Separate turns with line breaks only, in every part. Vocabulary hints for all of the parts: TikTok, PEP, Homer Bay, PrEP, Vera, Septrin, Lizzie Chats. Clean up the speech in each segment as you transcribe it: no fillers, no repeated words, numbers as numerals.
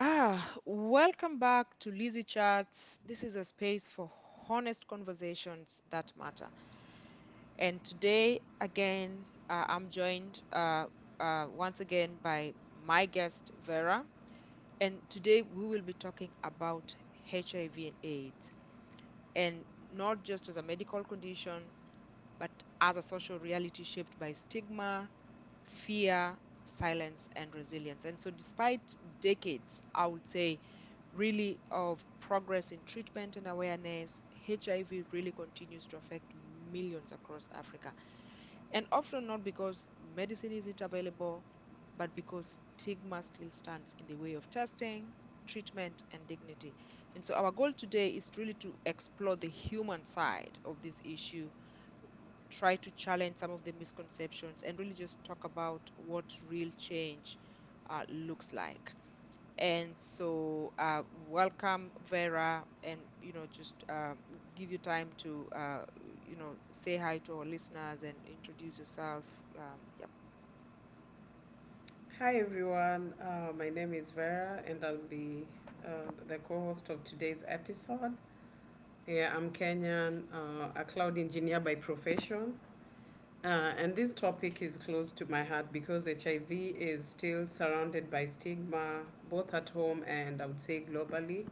Ah, welcome back to Lizzie Chats. This is a space for honest conversations that matter. And today, again, I'm joined once again by my guest, Vera. And today we will be talking about HIV and AIDS, and not just as a medical condition, but as a social reality shaped by stigma, fear, silence, and resilience. And so, despite decades, I would say, really of progress in treatment and awareness, HIV really continues to affect millions across Africa. And often not because medicine isn't available, but because stigma still stands in the way of testing, treatment, and dignity. And so, our goal today is really to explore the human side of this issue, try to challenge some of the misconceptions, and really just talk about what real change looks like. And so, welcome, Vera, and you know, just give you time to you know, say hi to our listeners and introduce yourself. Yep.
Hi everyone, my name is Vera and I'll be uh, the co host of today's episode. Yeah, I'm Kenyan, a cloud engineer by profession. And this topic is close to my heart because HIV is still surrounded by stigma, both at home and I would say globally.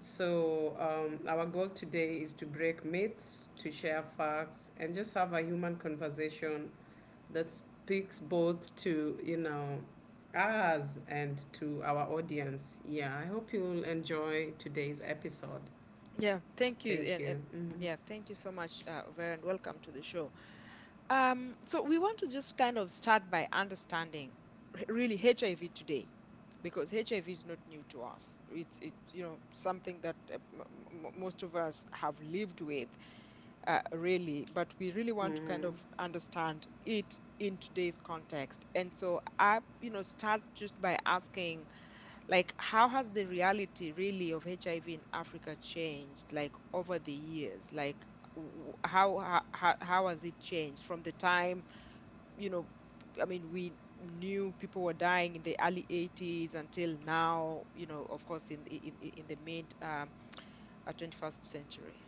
So, our goal today is to break myths, to share facts, and just have a human conversation that speaks both to, us and to our audience. Yeah, I hope you'll enjoy today's episode.
Yeah, thank you,
Thank
and
you. Mm-hmm.
yeah, thank you so much, Vera, and welcome to the show. So we want to just kind of start by understanding really HIV today, because HIV is not new to us. It's it you know something that most of us have lived with really, but we really want to kind
Mm-hmm.
of understand it in today's context. And so I, you know, start just by asking, like, how has the reality really of HIV in Africa changed, like, over the years? Like, how has it changed from the time, you know, I mean, we knew people were dying in the early 80s until now, you know, of course, in the mid 21st century.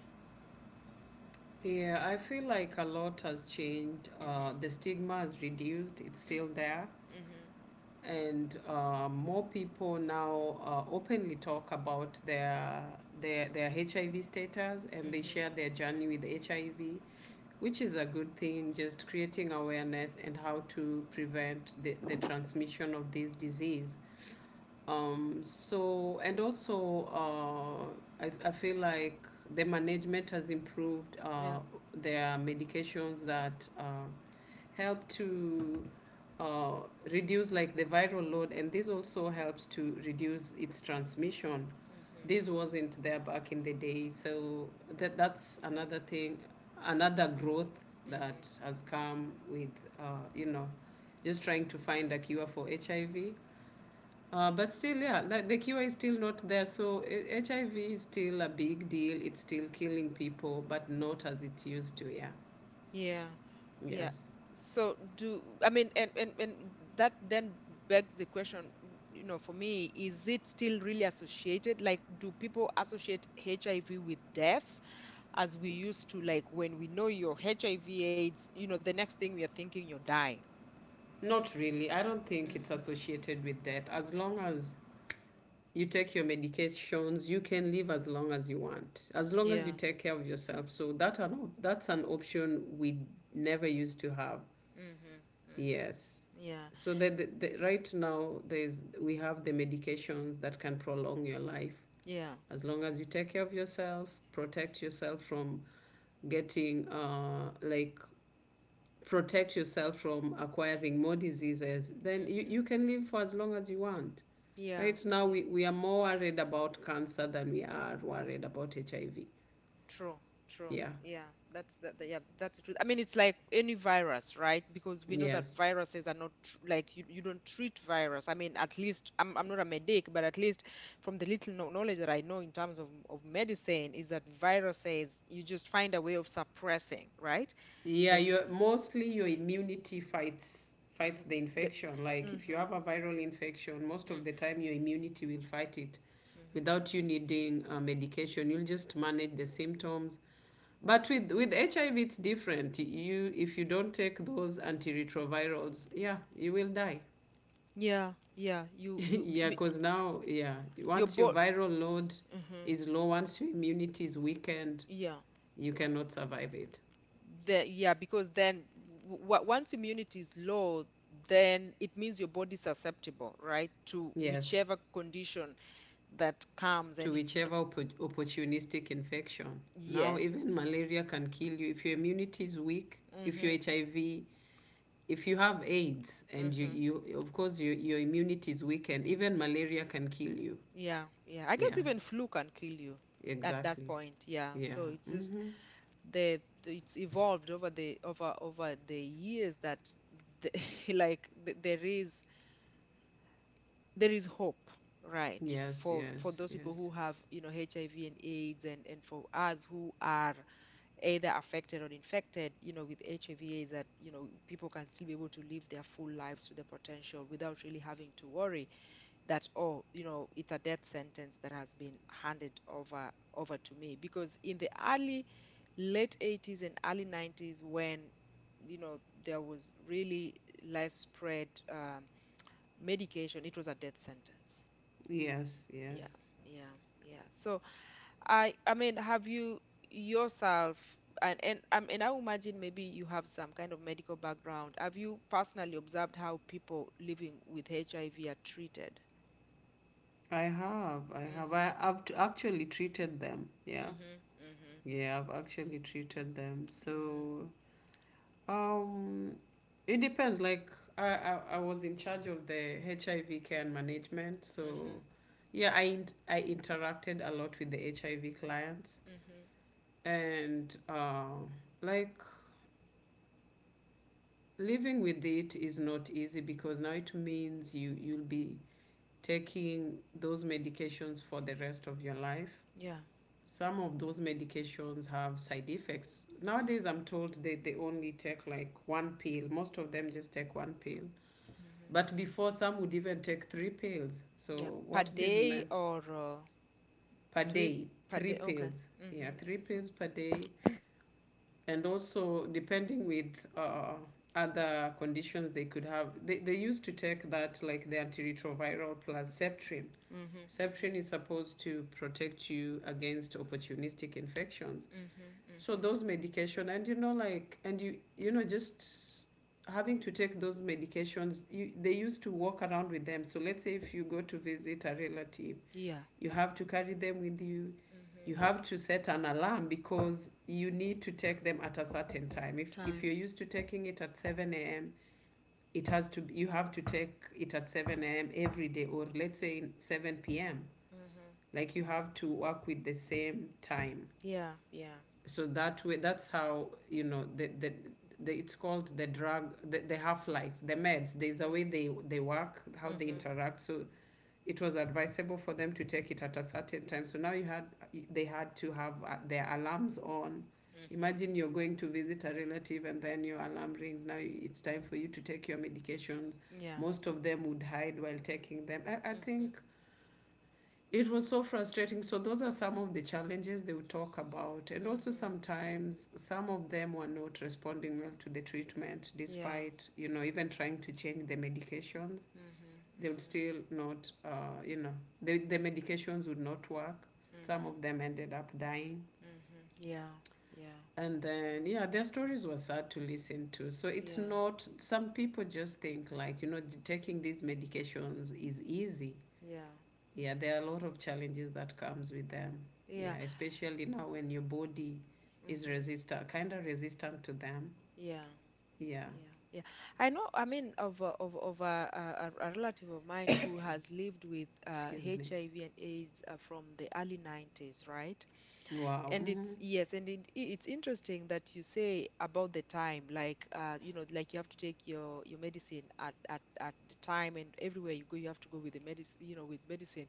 Yeah, I feel like a lot has changed.
Mm-hmm.
The stigma has reduced, it's still there.
Mm-hmm.
And more people now openly talk about their HIV status, and they
Mm-hmm.
share their journey with HIV, which is a good thing, just creating awareness and how to prevent the transmission of this disease. So, and also, I feel like the management has improved.
Yeah.
There are medications that help to uh, reduce like the viral load, and this also helps to reduce its transmission.
Mhm.
This wasn't there back in the day, so that's another thing, another growth that
Mhm.
has come with uh, you know, just trying to find a cure for HIV, but still, yeah, like the cure is still not there. So HIV is still a big deal. It's still killing people, but not as it used to. Yeah.
Yeah. Yeah.
Yes.
So do I mean and that then begs the question, you know, for me, is it still really associated? Like, do people associate HIV with death as we used to, like when we know you're HIV AIDS, you know, the next thing we are thinking you're dying.
Not really. I don't think it's
Mm-hmm.
associated with death. As long as you take your medications, you can live as long as you want, as long as
Yeah.
you take care of yourself. So that that's an option we never used to have.
Mm-hmm. Mm-hmm.
Yes.
Yeah.
So, right now, there's we have the medications that can prolong your life.
Yeah.
As long as you take care of yourself, protect yourself from getting, uh, like, protect yourself from acquiring more diseases, then you
Mm-hmm.
can live for as long as you want.
Yeah.
Right now,
Yeah.
we are more worried about cancer than we are worried about HIV.
True, true.
Yeah.
Yeah, that's that. Yeah, that's the truth. I mean, it's like any virus, right? Because we know that
Yes.
viruses are not tr like you don't treat virus. I mean, at least I'm not a medic, but at least from the little knowledge that I know in terms of medicine is that viruses you just find a way of suppressing, right?
Yeah,
The
your mostly your immunity fights the
the
infection. Like if you
hmm,
have a viral infection, most of the time
hmm,
your immunity will fight it
hmm.
without you needing medication. You'll just manage the symptoms. But with HIV, it's different. You If you don't take those antiretrovirals, yeah, you will die.
Yeah, yeah.
Yeah, because now, yeah,
Your
once your
body.
viral load
Hmm.
is low, once your immunity is weakened,
Yeah.
you cannot survive it.
Yeah, because then once immunity is low, then it means your body is susceptible, right, to
Yes,
whichever condition that comes and
to whichever opportunistic infection. Now,
yes.
even malaria can kill you if your immunity is weak. If
Mm-hmm.
your HIV, if you have AIDS, and you,
Mm-hmm.
you of course, your immunity is weakened. Even malaria can kill you.
Yeah, yeah. I guess
Yeah,
even flu can kill you at that
exactly.
point. Yeah.
Yeah.
So it's just
Mm-hmm.
it's evolved over the over over the years that the, like th there is hope, right,
Yes,
for
yes,
those people
yes.
who have, you know, HIV and AIDS and for us who are either affected or infected, you know, with HIV AIDS that, you know, people can still be able to live their full lives to their potential without really having to worry that, oh, you know, it's a death sentence that has been handed over to me. Because in the early, late 80s and early 90s when you know there was really less spread medication, it was a death sentence.
Yes,
Yeah,
yes.
yeah, yeah. So I mean, have you yourself and I mean, I imagine maybe you have some kind of medical background. Have you personally observed how people living with HIV are treated?
I have. I have.
Mhm.
Actually treated them. Yeah.
Mhm. Mhm.
Yeah, I've actually treated them.
Mhm.
So, um, it depends. Like, I was in charge of the HIV care and management.
Mhm.
So, yeah, I interacted a lot with the HIV clients.
Mhm.
And, uh, like, Living with it is not easy because now it means you'll be taking those medications for the rest of your life.
Yeah.
Some of those medications have side effects. Nowadays,
Mhm.
I'm told that they only take like one pill. Most of them just take one pill.
Mhm.
But before, some would even take three pills.
Yeah.
So,
Per
what this
day
meant
or
per
three
day,
per
three
day. Okay.
pills. Yeah,
Mhm.
three
Mhm.
pills per day. And also, depending with other conditions they could have, they used to take that like the antiretroviral plus Septrin.
Mhm.
Septrin
Mhm.
is supposed to protect you against opportunistic infections.
Mhm.
So
Mhm.
those medication, and, you know, like, and you know, just having to take those medications, you they used to walk around with them. So let's say if you go to visit a relative,
Yeah.
you have to carry them with you. You
Mhm.
have to set an alarm because you need to take them at a certain time. If you're
Time.
used to taking it at 7 a.m., it has to you have to take it at 7 a.m. every day, or let's say 7 p.m.,
Mhm.
like you have to work with the same time,
Yeah, yeah.
so that way, that's how you know the it's called the drug, the half life, the meds, there's a way
Mhm.
they work, how they
Mhm.
interact. So it was advisable for them to take it at a certain time, so now you had they had to have their alarms on.
Mhm.
Imagine you're going to visit a relative, and then your alarm rings, now it's time for you to take your medications.
Yeah.
Most of them would hide while taking them. I
Mhm.
think it was so frustrating. So those are some of the challenges they would talk about. And also
Mhm.
sometimes some of them were not responding well to the treatment
Yeah.
despite, you know, even trying to change the medications.
Mhm.
They would
Mhm.
still not, the medications would not work. Some
Mhm.
of them ended up dying.
Mhm. Yeah. Yeah.
And then, yeah, their stories were sad to listen to. So it's
Yeah.
not, some people just think like, you know, taking these medications is easy.
Yeah.
Yeah, there are a lot of challenges that comes with them.
Yeah.
Yeah, especially now when your body is
Mhm.
resistant, kind of resistant to them.
Yeah,
Yeah.
yeah, yeah. I know, I mean, of a relative of mine who has lived with
Excuse me.
HIV and AIDS from the early 90s, right?
Wow.
And
Mm-hmm.
it's, yes, and it's interesting that you say about the time, like you know, like you have to take your medicine at the time, and everywhere you go, you have to go with the medicine, you know, with medicine.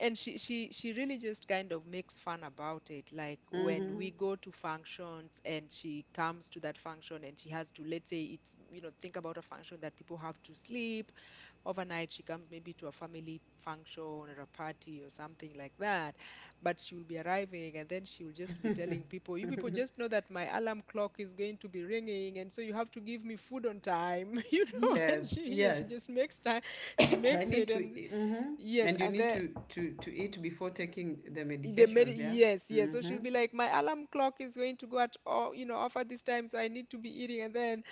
And she really just kind of makes fun about it, like when
Mm-hmm.
we go to functions and she comes to that function and she has to, let's say, it's, you know, think about a function that people have to sleep overnight. She comes maybe to a family function or a party or something like that, but she will be arriving and then she will just be telling people, you people just know that my alarm clock is going to be ringing and so you have to give me food on time you know. And
Yes,
she, yeah, she
yes.
just makes time, she
I
makes
need
it.
to
And
e-, mm-hmm.
yes,
And you
and
need
then
to eat before taking the
they made it,
medications, yeah.
yes, yes. So she'll
Mm-hmm.
be like, my alarm clock is going to go at all, you know, off at this time, so I need to be eating. And then,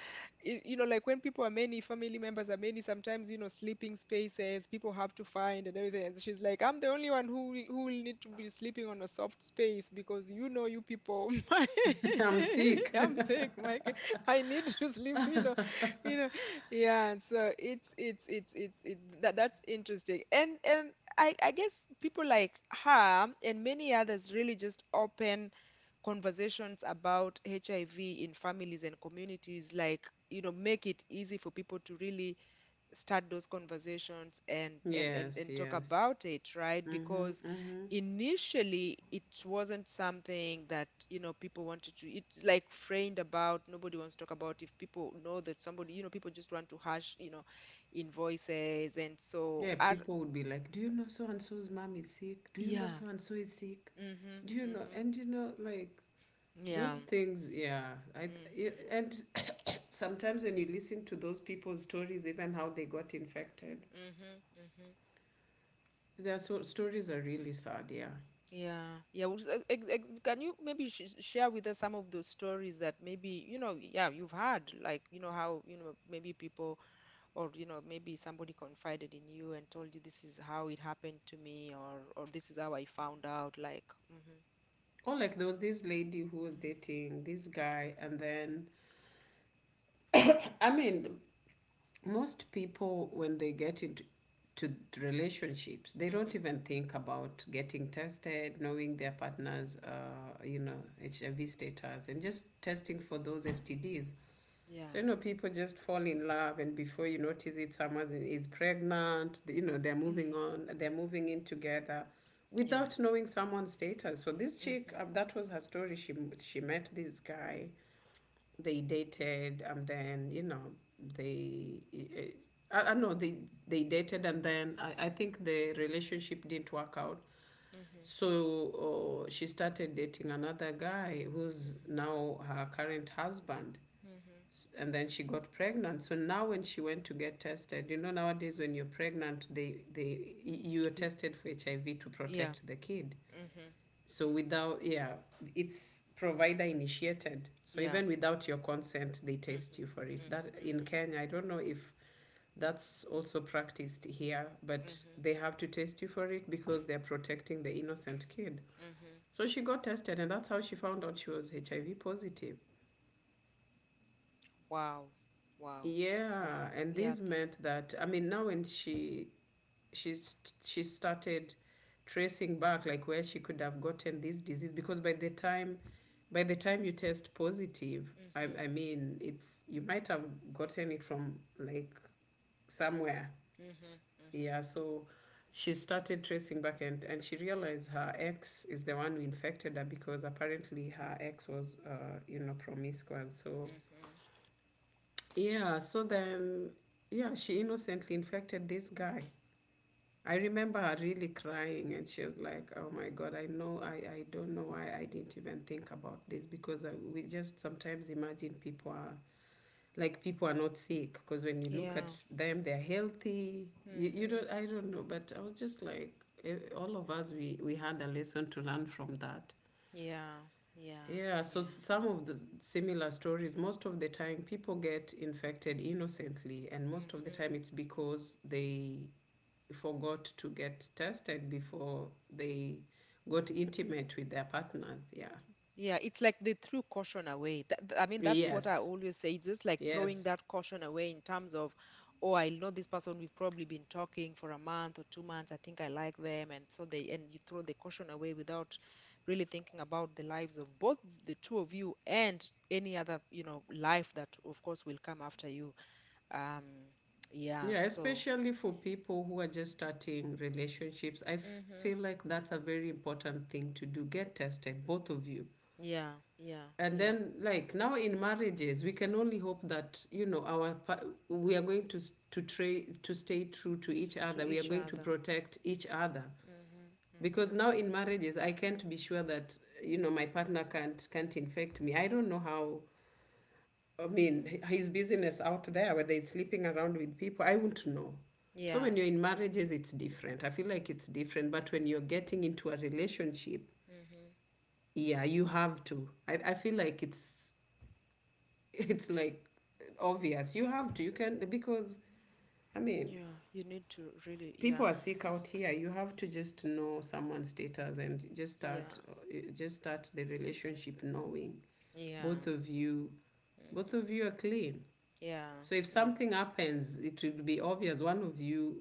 you know, like when people are many, family members are many, sometimes, you know, sleeping spaces people have to find and everything. And she's like, I'm the only one who will need to be sleeping on a soft space because you know, you people, my,
I'm sick.
I'm sick, Mike. I need to sleep, you know, yeah. So it's it, that that's interesting. And I guess people like her and many others really just open conversations about HIV in families and communities, like, you know, make it easy for people to really start those conversations
Yes,
and talk
yes.
about it, right?
Mm-hmm.
Because
Mm-hmm.
initially it wasn't something that, you know, people wanted to, it's like framed about, nobody wants to talk about if people know that somebody, you know, people just want to hush, you know, invoices. And so,
Yeah,
are,
people would be like, do you know so and so's mom is sick, do you know
yeah.
so and so is sick,
Mhm.
do you know,
Mhm.
and you know, like, those
Yeah.
things. Yeah.
Mhm.
And sometimes when you listen to those people's stories, even how they got infected,
Mhm. Mhm.
their stories are really sad, yeah.
Yeah. Yeah. Well, so, can you maybe sh share with us some of those stories that maybe, you know, yeah, you've had, like, you know, how, you know, maybe people or, you know, maybe somebody confided in you and told you this is how it happened to me, or this is how I found out, like, mhm.
Or like there was this lady who was
Mm.
dating this guy, and then, I mean, most people, when they get into to relationships, they don't
Mhm.
even think about getting tested, knowing their partner's, HIV status, and just testing for those STDs.
Yeah.
So, people just fall in love, and before you notice it, someone is pregnant. You know, they're
Mhm.
moving on. They're moving in together,
Yeah.
without knowing someone's status. So this
Mhm.
chick, that was her story. She met this guy, they dated, and then, you know, they I know they dated, and then I think the relationship didn't work out.
Mhm.
So, she started dating another guy, who's
Mhm.
now her current husband.
Mhm.
And then she got pregnant, so now when she went to get tested, you know, nowadays when you're pregnant, you're
You-
tested for HIV to
Yeah.
protect the kid.
Mhm.
So without, yeah, it's provider initiated. So
Yeah.
even without your consent, they test
Mhm.
you for it.
Mhm.
That in
Mhm.
Kenya, I don't know if that's also practiced here, but
Mhm.
they have to test you for it because they're protecting the innocent kid.
Mhm.
So she got tested, and that's how she found out she was HIV positive.
Wow. Wow. Wow.
Yeah, and
Yeah,
this
that's.
meant that, I mean, now when she started tracing back, like where she could have gotten this disease, because by the time you test positive,
Mhm.
I mean, it's, you might have gotten it from, like, somewhere.
Mhm. Mhm.
Yeah, so she started tracing back, and she realized her ex is the one who infected her, because apparently her ex was, promiscuous. So,
Mhm.
yeah, so then, yeah, she innocently infected this guy. I remember her really crying, and she was like, "Oh my God, I know, I don't know why I didn't even think about this, because we just sometimes imagine people are not sick, because when you look
Yeah.
at them, they're healthy. You
Mhm.
don't, I don't know, but I was just like, all of us, we had a lesson to learn from that.
Yeah. Yeah.
Yeah, so
Yeah.
some of the similar stories, most of the time people get infected innocently, and
Yeah.
most of the
Mhm.
time it's because they forgot to get tested before they got intimate with their partners. Yeah.
Yeah, it's like they threw caution away. I mean, that's what I
Yes.
always say. It's just like throwing
Yes.
that caution away in terms of, oh, I know this person. We've probably been talking for a month or two months. I think I like them, and so they, and you throw the caution away without really thinking about the lives of both the two of you and any other, you know, life that of course will come after you. Um, yeah.
Yeah,
So,
especially for people who are just starting relationships,
hmm,
feel like that's a very important thing to do. Get tested, both of you."
yeah, yeah,
And
yeah.
then like now in marriages, we can only hope that you know we are going to stay true to each
To
other. We are
each
going to
other.
protect each other,
Hmm,
because
hmm.
now in marriages I can't be sure that you know my partner can't infect me. I don't know how, I mean his business out there, whether he's sleeping around with people, I won't know. So
Yeah.
when you're in marriages it's different, I feel like it's different. But when you're getting into a relationship,
Mhm.
yeah, you have to. I feel like it's like obvious. You have to. You can, because I mean
Yeah, you need to really,
people
yeah,
are sick out here. You have to just know someone's status and just
yeah,
start, just start the relationship knowing both
yeah,
of you, both
hmm,
of you are clean.
yeah,
So if
yeah,
something happens, it will be obvious one of you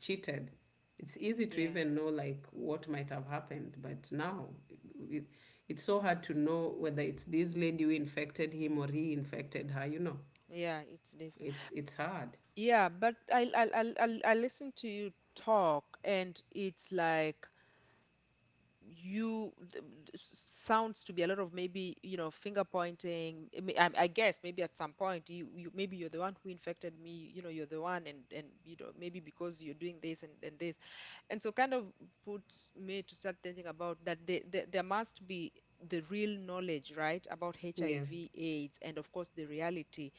cheated. It's easy to
yeah,
even know like what might have happened, but now it, it's so hard to know whether it's this lady who infected him or he infected her,
yeah. It's difficult.
It's hard.
Yeah, but I listen to you talk, and it's like you sounds to be a lot of maybe you know finger pointing. I mean, I guess maybe at some point you maybe you're the one who infected me, you know, you're the one, and you know, maybe because you're doing and this, and so kind of put me to start thinking about that there must be the real knowledge right about
Yes.
HIV AIDS, and of course the reality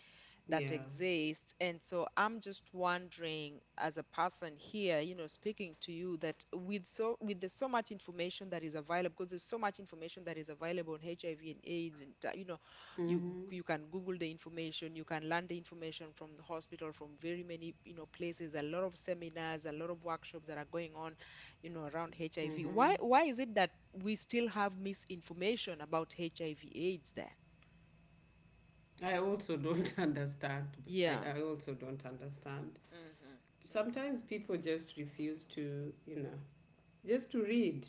that
Yeah.
exists. And so I'm just wondering, as a person here, you know, speaking to you, that with so with there's so much information that is available, because there's so much information that is available on HIV and AIDS, and you know, you
Mhm.
you can Google the information, you can learn the information from the hospital, from very many you know places, a lot of seminars, a lot of workshops that are going on, you know, around HIV. Why
Mhm.
why is it that we still have misinformation about HIV/AIDS? Then,
I also don't understand. I
yeah.
I also don't understand.
Hmm, hmm.
Sometimes people just refuse to, just to read,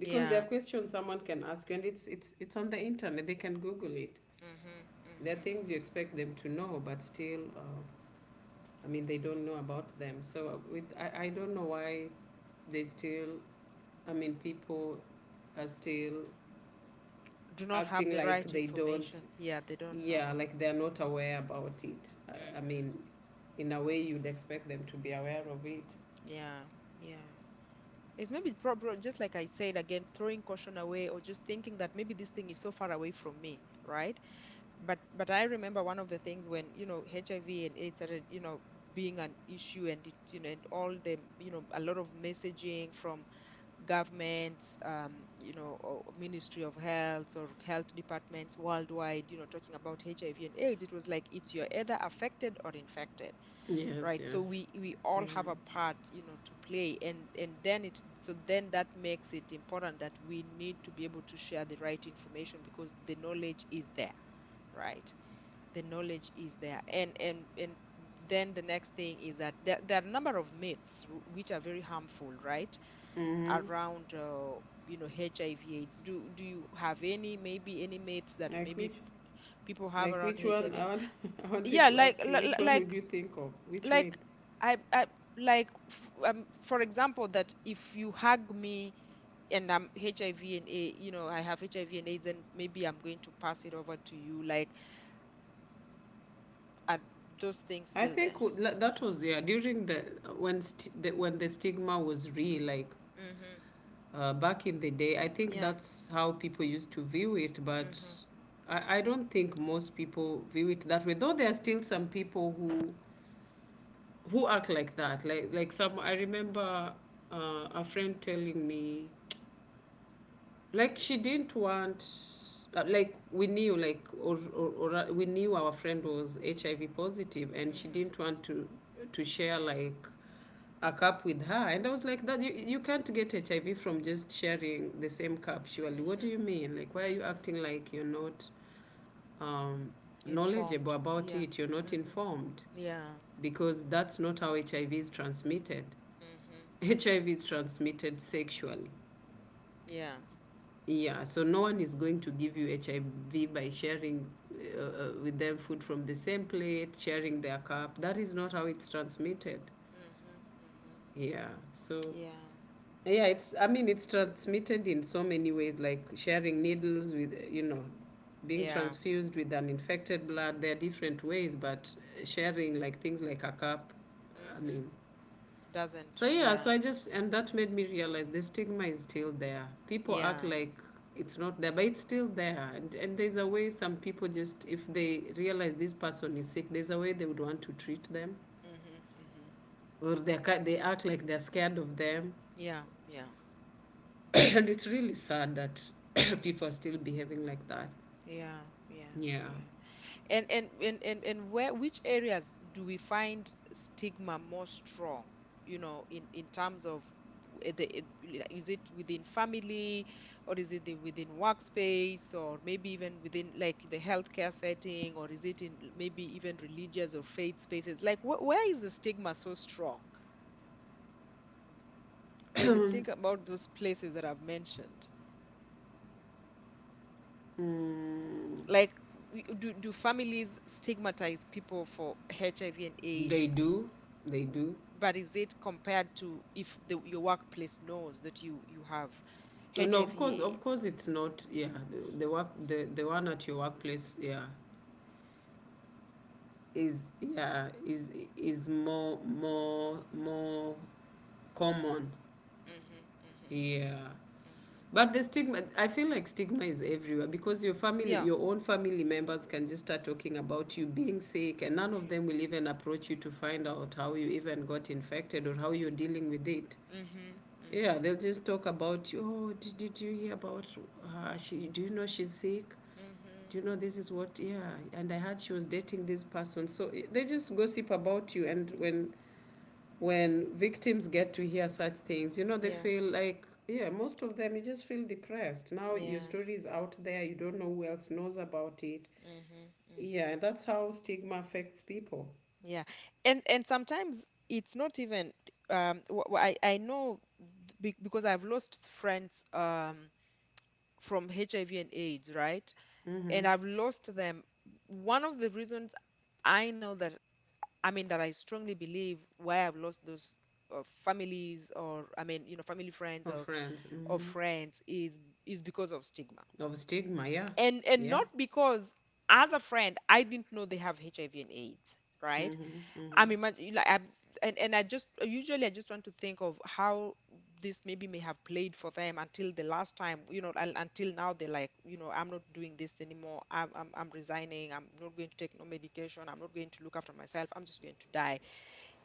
because there
Yeah.
are questions someone can ask you and it's on the internet. They can google it.
Mm-hmm.
There are
Mm-hmm.
things you expect them to know, but still I mean they don't know about them. So with I don't know why they still, I mean people are still
Do not have
acting
the
like
right
they don't,
information. Yeah, they don't
yeah,
know.
like they're
Mhm.
not aware about it. I mean,
Mm-hmm.
in a way you'd expect them to be aware of it.
Yeah, yeah. It's maybe probably just like I said again, throwing caution away or just thinking that maybe this thing is so far away from me, right? But I remember one of the things when, you know, HIV and AIDS started, you know, being an issue and all the, you know, a lot of messaging from governments, you know, or Ministry of Health or health departments worldwide, you know, talking about HIV and AIDS, it was like it's you're either affected or infected,
Yes,
right? So
yes.
we all have
Mm-hmm.
a part, you know, to play, and then it so then that makes it important that we need to be able to share the right information because the knowledge is there, right? The knowledge is there, and then the next thing is that there are a number of myths which are very harmful, right?
Mm-hmm.
Around you know, HIV AIDS. Do you have any, maybe any myths that
Like which,
people have
like
around
which one?
HIV AIDS?
I wanted
Yeah,
to
like
ask
li-
you,
li-
which one would you think of, which
like
myth?
I like f for example, that if you hug me and I have HIV and AIDS, and maybe I'm going to pass it over to you. Like, are those things
I
still
think
there?
that
Mhm.
was yeah during the, when when the stigma was real, like
Mhm.
back in the day. I think
Yeah.
that's how people used to view it, but
Mhm.
I don't think most people view it that way, though there are still some people who act like that, like some. I remember a friend telling me, like she didn't want, like we knew, like or we knew our friend was HIV positive and she
Mhm.
didn't want to share like a cup with her. And I was like, that, you can't get HIV from just sharing the same cup, surely. What do
Mhm.
you mean, like why are you
Mhm.
acting like you're not um, knowledgeable
Informed.
about
Yeah.
it, you're not
Mhm.
informed,
Yeah.
because that's not how HIV is transmitted.
Mm-hmm. Mm-hmm.
HIV is transmitted sexually.
Yeah.
Yeah, so no one is going to give you HIV by sharing with them food from the same plate, sharing their cup. That is not how it's transmitted.
Mm-hmm. Mm-hmm.
Yeah, so
Yeah.
yeah, it's, I mean it's transmitted in so many ways, like sharing needles with, you know, being
Yeah.
transfused with an infected blood. There are different ways, but sharing like things like a cup, I
Mm-hmm.
mean.
Doesn't.
So yeah,
Yeah.
so I just, and that made me realize the stigma is still there. People act
Yeah.
like it's not there, but it's still there. And there's a way some people just, if they realize this person is sick, there's a way they would want to treat them,
Mm-hmm. Mm-hmm.
or they act like they're scared of them,
Yeah. Yeah.
and it's really sad that people are
Mm-hmm.
still behaving like that.
Yeah. Yeah.
Yeah.
Yeah. And where, which areas do we find stigma more strong, you know, in terms of, is it within family, or is it within workspace, or maybe even within like the healthcare setting, or is it in maybe even religious or faith spaces? Like, wh where is the stigma so strong when you
Mm,
think about those places that I've mentioned? Like, do families stigmatize people for HIV and AIDS?
they do, they do.
But is it compared to if your workplace knows that you have
No, of
HIV/AIDS?
course, it's not. Yeah, the work, the one at your workplace. Yeah, is, yeah, is more, more, more common,
Mhm. Mhm. Mhm.
yeah.
Mhm.
But the stigma, I feel like stigma is everywhere, because your family,
Yeah.
your own family members can just start talking about you being sick and none of them will even approach you to find out how you even got infected or how you're dealing with it.
Mhm.
Yeah,
Mhm.
they'll just talk about, oh, did you hear about her? She, do you know she's sick?
Mhm.
Do you know this is what? Yeah, and I heard she was dating this person. So they just gossip about you, and when victims get to hear such things, you know they
Yeah.
feel like, yeah, most of them, you just feel depressed. Now your
Yeah.
story is out there. You don't know who else knows about it.
Mhm.
Yeah,
Mhm.
and that's how stigma affects people.
Yeah. And sometimes it's not even, I know, because I've lost friends from HIV and AIDS, right? And I've lost them. One of the reasons I know that, I mean, that I strongly believe why I've lost those, families, or I mean, you know, family friends,
Of
or
friends, mm-hmm.
friends, is because of stigma,
Of stigma, yeah,
and
yeah,
not because as a friend I didn't know they have HIV and AIDS, right? I'm imagining like I and I just usually, I just want to think of how this maybe may have played for them until the last time, you know, until now they're like, you know, I'm not doing this anymore. I'm resigning. I'm not going to take no medication. I'm not going to look after myself. I'm just going to die.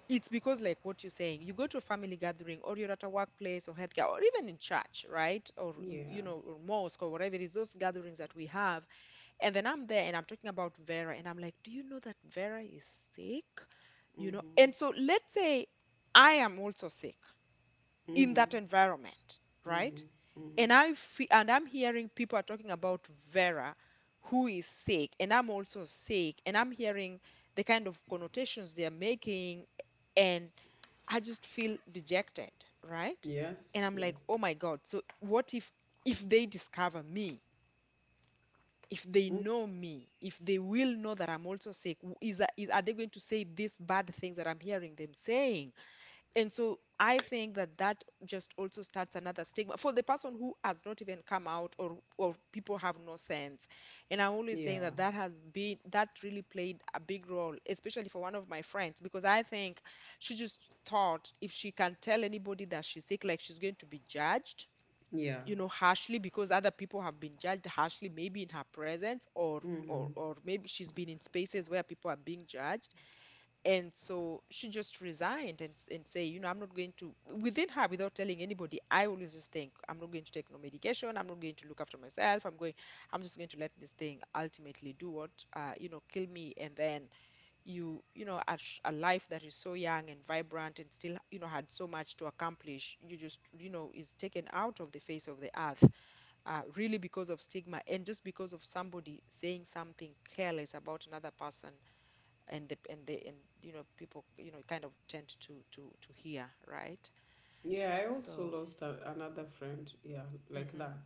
It's because, like what you're saying, you go to a family gathering, or you're at a workplace or healthcare, or even in church, right? Or you
yeah.
know, or mosque, or whatever it is, those gatherings that we have. And then I'm there and I'm talking about Vera, and I'm like, do you know that Vera is sick? You know,
Mm-hmm.
and so let's say I am also sick in that
Mm-hmm.
environment,
Mm-hmm.
right? And
Mm-hmm.
I'm hearing people are talking about Vera, who is sick, and I'm also sick, and I'm hearing the kind of connotations they're making, and I just feel dejected, right?
Yes,
And I'm like,
yes.
oh my god, so what if they discover me, if they
Mm.
know me, if they will know that I'm also sick, is that is are they going to say these bad things that I'm hearing them saying? And so I think that that just also starts another stigma for the person who has not even come out, or people have no sense. And I'm always
Yeah,
saying that that has been, that really played a big role, especially for one of my friends, because I think she just thought, if she can tell anybody that she's sick, like she's going to be judged,
yeah.
you know, harshly, because other people have been judged harshly, maybe in her presence or maybe she's been in spaces where people are being judged. And so she just resigned and, and say, you know, I'm not going to, within her, without telling anybody, I always just think, I'm not going to take no medication. I'm not going to look after myself. I'm just going to let this thing ultimately do what, you know, kill me. And then you know, at a life that is so young and vibrant and still, you know, had so much to accomplish, you just, you know, is taken out of the face of the earth, really because of stigma, and just because of somebody saying something careless about another person, and the and the and you know, people, you know, kind of tend to to hear, right?
Yeah, I
So
also lost a, another friend, yeah,
mm-hmm.
like that.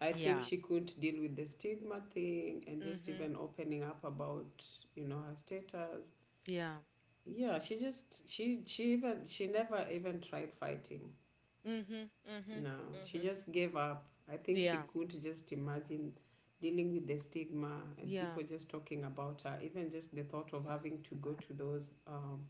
I
Yeah.
think she couldn't deal with the stigma thing and just
Mm-hmm.
even opening up about, you know, her status.
Yeah.
Yeah, she just, she even, she never even tried fighting.
Mm-hmm. Mm-hmm.
No,
Mm-hmm.
she just gave up. I think
Yeah.
she couldn't just imagine dealing with the stigma and
Yeah.
people just talking about her, even just the thought of having to go to those, um,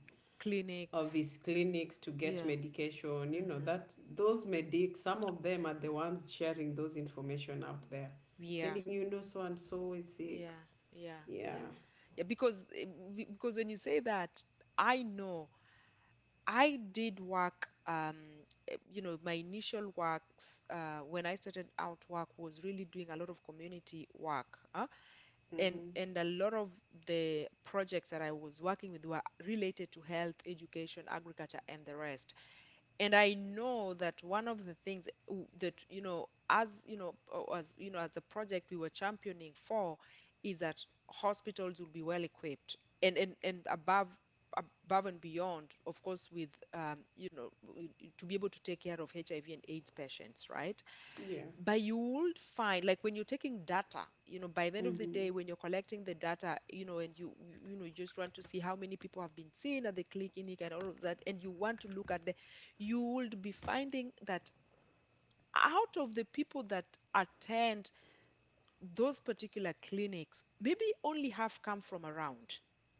of
Clinics.
his clinics to get
Yeah.
medication. You know
Mm-hmm.
that those medics, some of them are the ones sharing those information out there,
Yeah.
telling you no so and so is
Yeah.
sick.
Yeah. Yeah.
Yeah.
Yeah, because because when you say that, I know I did work, you know, my initial works, when I started out work, was really doing a lot of community work, huh? And
Mm-hmm.
a lot of the projects that I was working with were related to health, education, agriculture, and the rest. And I know that one of the things that, you know, as you know, as a project we were championing for, is that hospitals will be well equipped, and above, above and beyond, of course, with you know, to be able to take care of HIV and AIDS patients, right?
Yeah.
But you would find, like, when you're taking data, you know, by the end of the day,
Mm-hmm.
when you're collecting the data, you know, and you know, you just want to see how many people have been seen, and they click in it and all of that, and you want to look at the, you would be finding that out of the people that attend those particular clinics, maybe only half come from around.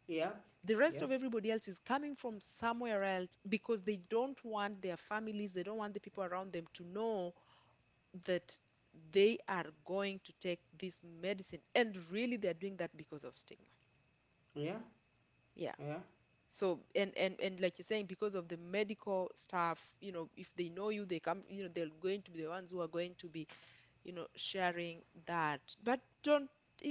Yep.
The rest of
Yep.
everybody else is coming from somewhere else because they don't want their families, they don't want the people around them to know that they are going to take this medicine, and really they're doing that because of stigma.
Yeah.
Yeah.
Yeah,
So and like you're saying, because of the medical staff, you know, if they know you, they come, you know, they're going to be the ones who are going to be, you know, sharing that. But don't,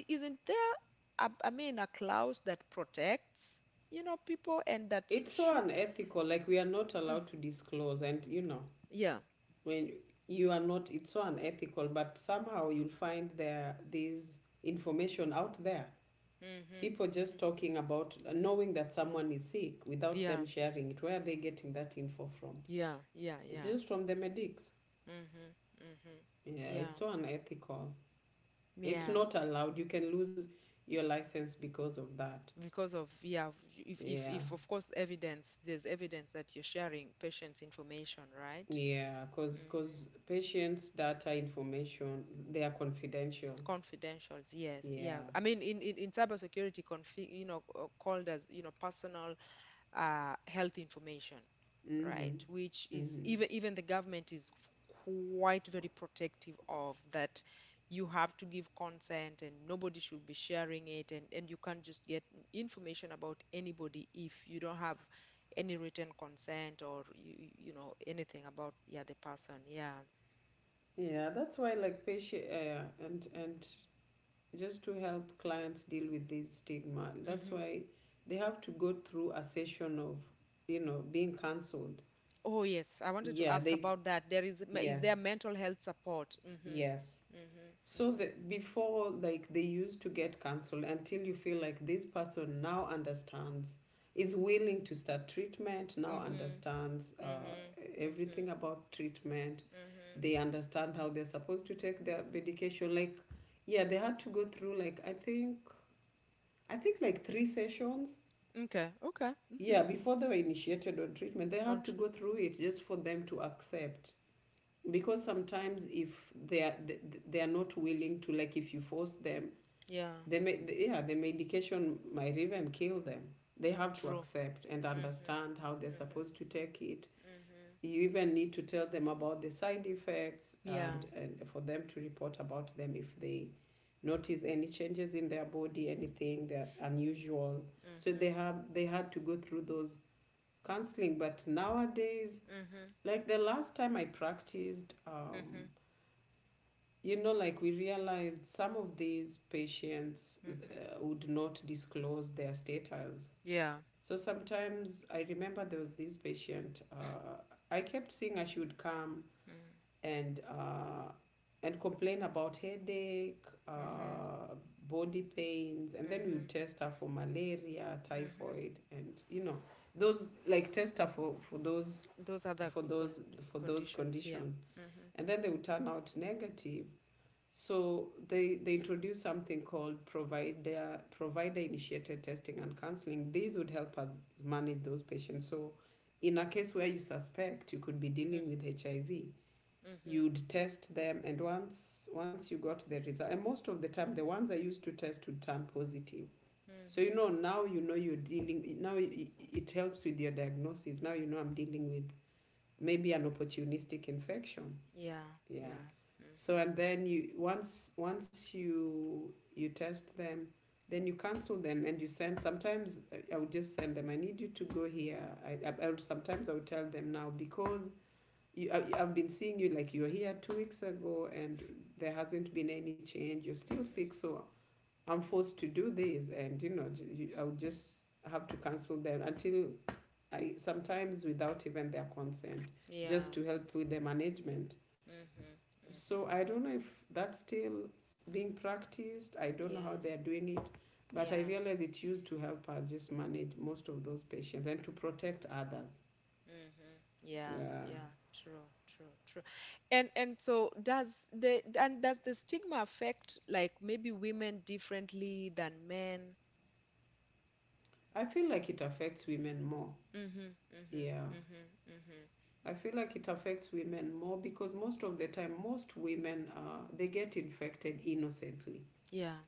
isn't there a, I mean, a clause that protects, you know, people, and that
it's so
should.
unethical, like we are not
Mm,
allowed to disclose, and you know,
yeah.
when you are not, it's so unethical, but somehow you'll find there this information out there.
Hmm. Hmm.
People just talking about knowing that someone is sick without
Yeah.
them sharing it. Where are they getting that info from?
Yeah. Yeah.
It's
Yeah.
just from the medics.
Hmm. Hmm.
Yeah,
Yeah.
it's so unethical. It's
Yeah,
not allowed. You can lose your license because of that.
because of, yeah, if, if
Yeah.
if of course evidence, there's evidence that you're sharing patient's information, right?
Yeah, cause
Mm-hmm.
cause patients' data information, they are confidential.
Confidentials, yes.
Yeah.
Yeah, I mean, in cybersecurity, you know, called as, you know, personal, health information, right?
Mhm.
Which is,
Mhm.
even even the government is quite very protective of that. You have to give consent, and nobody should be sharing it, and you can't just get information about anybody if you don't have any written consent, or you know anything about the other person. Yeah.
Yeah, that's why like patient and just to help clients deal with this stigma. That's
Hmm.
why they have to go through a session of, you know, being cancelled.
Oh yes, I wanted to
Yeah,
ask
they,
about that. There is there
yes,
mental health support? Hmm.
yes.
Hmm.
So
Hmm.
that before, like, they used to get cancelled until you feel like this person now understands, is willing to start treatment, now
Hmm.
understands
Hmm. Hmm.
everything about treatment. They
Hmm.
understand how they're supposed to take their medication. Like, yeah, they had to go through, like, I think like three sessions.
Okay, okay. Mm-hmm.
Yeah, before they were initiated on treatment, they
On
had to go
treatment.
through it just for them to accept. Because sometimes if they are they are not willing to, like if you force them,
Yeah,
yeah, the medication might even kill them. They have to
true.
accept and understand how
Mm-hmm.
they're supposed to
Mm-hmm.
take it.
Mm-hmm.
You even need to tell them about the side effects,
Yeah.
and for them to report about them if they notice any changes in their body, anything that unusual. So they
Mm-hmm.
have, they had to go through those counseling. But nowadays,
Mm-hmm.
like the last time I practiced,
Mm-hmm.
you know, like we realized some of these patients
Mm-hmm.
would not disclose their status.
Yeah.
So sometimes I remember there was this patient. I kept seeing her, she would come
Mm-hmm.
and uh, and complain about headache,
Mm-hmm.
body pains, and then we
Mm-hmm.
would test her for malaria,
Mm-hmm.
typhoid, and you know those, like test her for those,
Those are the
for
con
those, for those
conditions, yeah.
conditions,
Mm-hmm.
and then they would turn out negative. So they introduced something called provider initiated testing and counseling. These would help us manage those patients. So in a case where you suspect you could be dealing with HIV,
Mm-hmm.
you'd test them, and once once you got the result, and most of the time the ones I used to test would turn positive. So you know
Mm-hmm.
now, you know you're dealing, now it helps with your diagnosis. Now you know I'm dealing with maybe an opportunistic infection.
Yeah.
Yeah.
Yeah.
So
Mm-hmm.
and then you, once once you you test them, then you cancel them and you send, sometimes would just send them, I need you to go here. I would tell them now, because you, I've been seeing you, like you were here 2 weeks ago, and there hasn't been any change. You're still sick,
Mm-hmm.
so I'm forced to do this, and you know, you, I would just have to cancel them until I, sometimes without even their consent, just to
Yeah.
help with the management.
Mm-hmm.
So
Mm-hmm.
I don't know if that's still being practiced. I don't know how
Yeah.
they're doing it, but I
Yeah.
realize it used to help us just manage most of those patients and to protect others.
Mm-hmm. Yeah,
Yeah,
yeah, true, true, true. And so does the, and does the stigma affect like maybe women differently than men?
I feel like it affects women more.
Mm-hmm, mm-hmm,
Yeah.
mm-hmm, mm-hmm.
I feel like it affects women more because most of the time, most women they get infected innocently.
Yeah,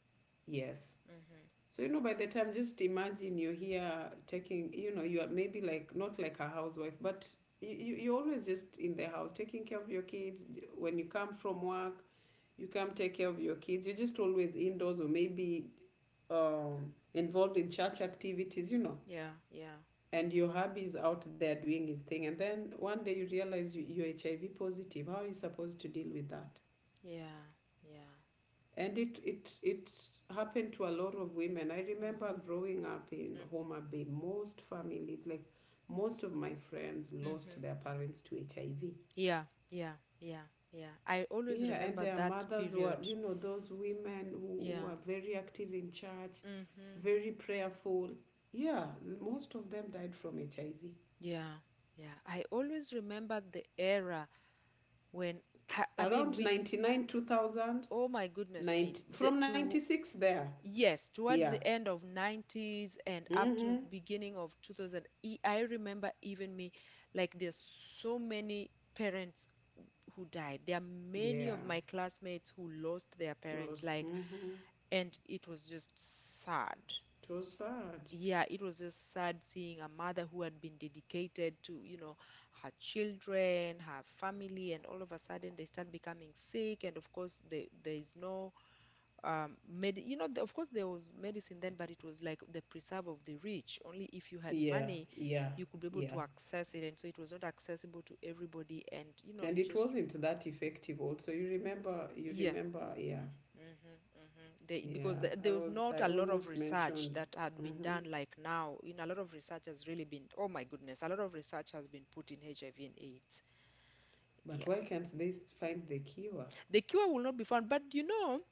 Yes.
mm-hmm.
So you know, by the time, just imagine you're here taking, you know, you are maybe like not like a housewife, but you you're always just in the house taking care of your kids. When you come from work, you come take care of your kids. You're just always indoors, or maybe involved in church activities. You know,
Yeah, yeah,
and your hubby is out there doing his thing, and then one day you realize you're HIV positive. How are you supposed to deal with that?
yeah, yeah.
And it happened to a lot of women. I remember
Mm-hmm.
growing up in Homer Bay, most families, like most of my friends, lost their
Mm-hmm.
parents to HIV.
Yeah, yeah, yeah, yeah. I always
Yeah. And
remember
their
that
mothers were,
period.
those women who, are
Yeah.
very active in church,
Mm-hmm.
very prayerful. Yeah. Most of them died from HIV
Yeah, yeah. I always remember the era when
around
we,
99, 2000,
oh my goodness me.
90,
The,
from
to
96 there.
Yes,
Yeah.
towards the end of 90s and up to
Mm-hmm.
beginning of 2000, I remember even me, like there's so many parents who died. There are many
Yeah.
of my classmates who lost their parents, like,
Mm-hmm.
and it was just sad.
It was sad.
Yeah, it was just sad seeing a mother who had been dedicated to, you know, her children, her family, and all of a sudden they start becoming sick. And of course, there is no, med you know of course there was medicine then, but it was like the preserve of the rich. Only if you had
Yeah.
money
Yeah.
you could be able
Yeah.
to access it, and so it was not accessible to everybody, and you know,
And
you
it
just,
wasn't that effective also. You remember you
yeah.
remember Yeah.
Hmm. Hmm. They,
Yeah.
because there was
I
not a lot of
almost
research
mentioned,
that had been
mm-hmm,
done like now. You know, a lot of research has really been, oh my goodness, a lot of research has been put in HIV and AIDS.
but
Yeah.
why can't they, find the cure?
The cure will not be found, but you know,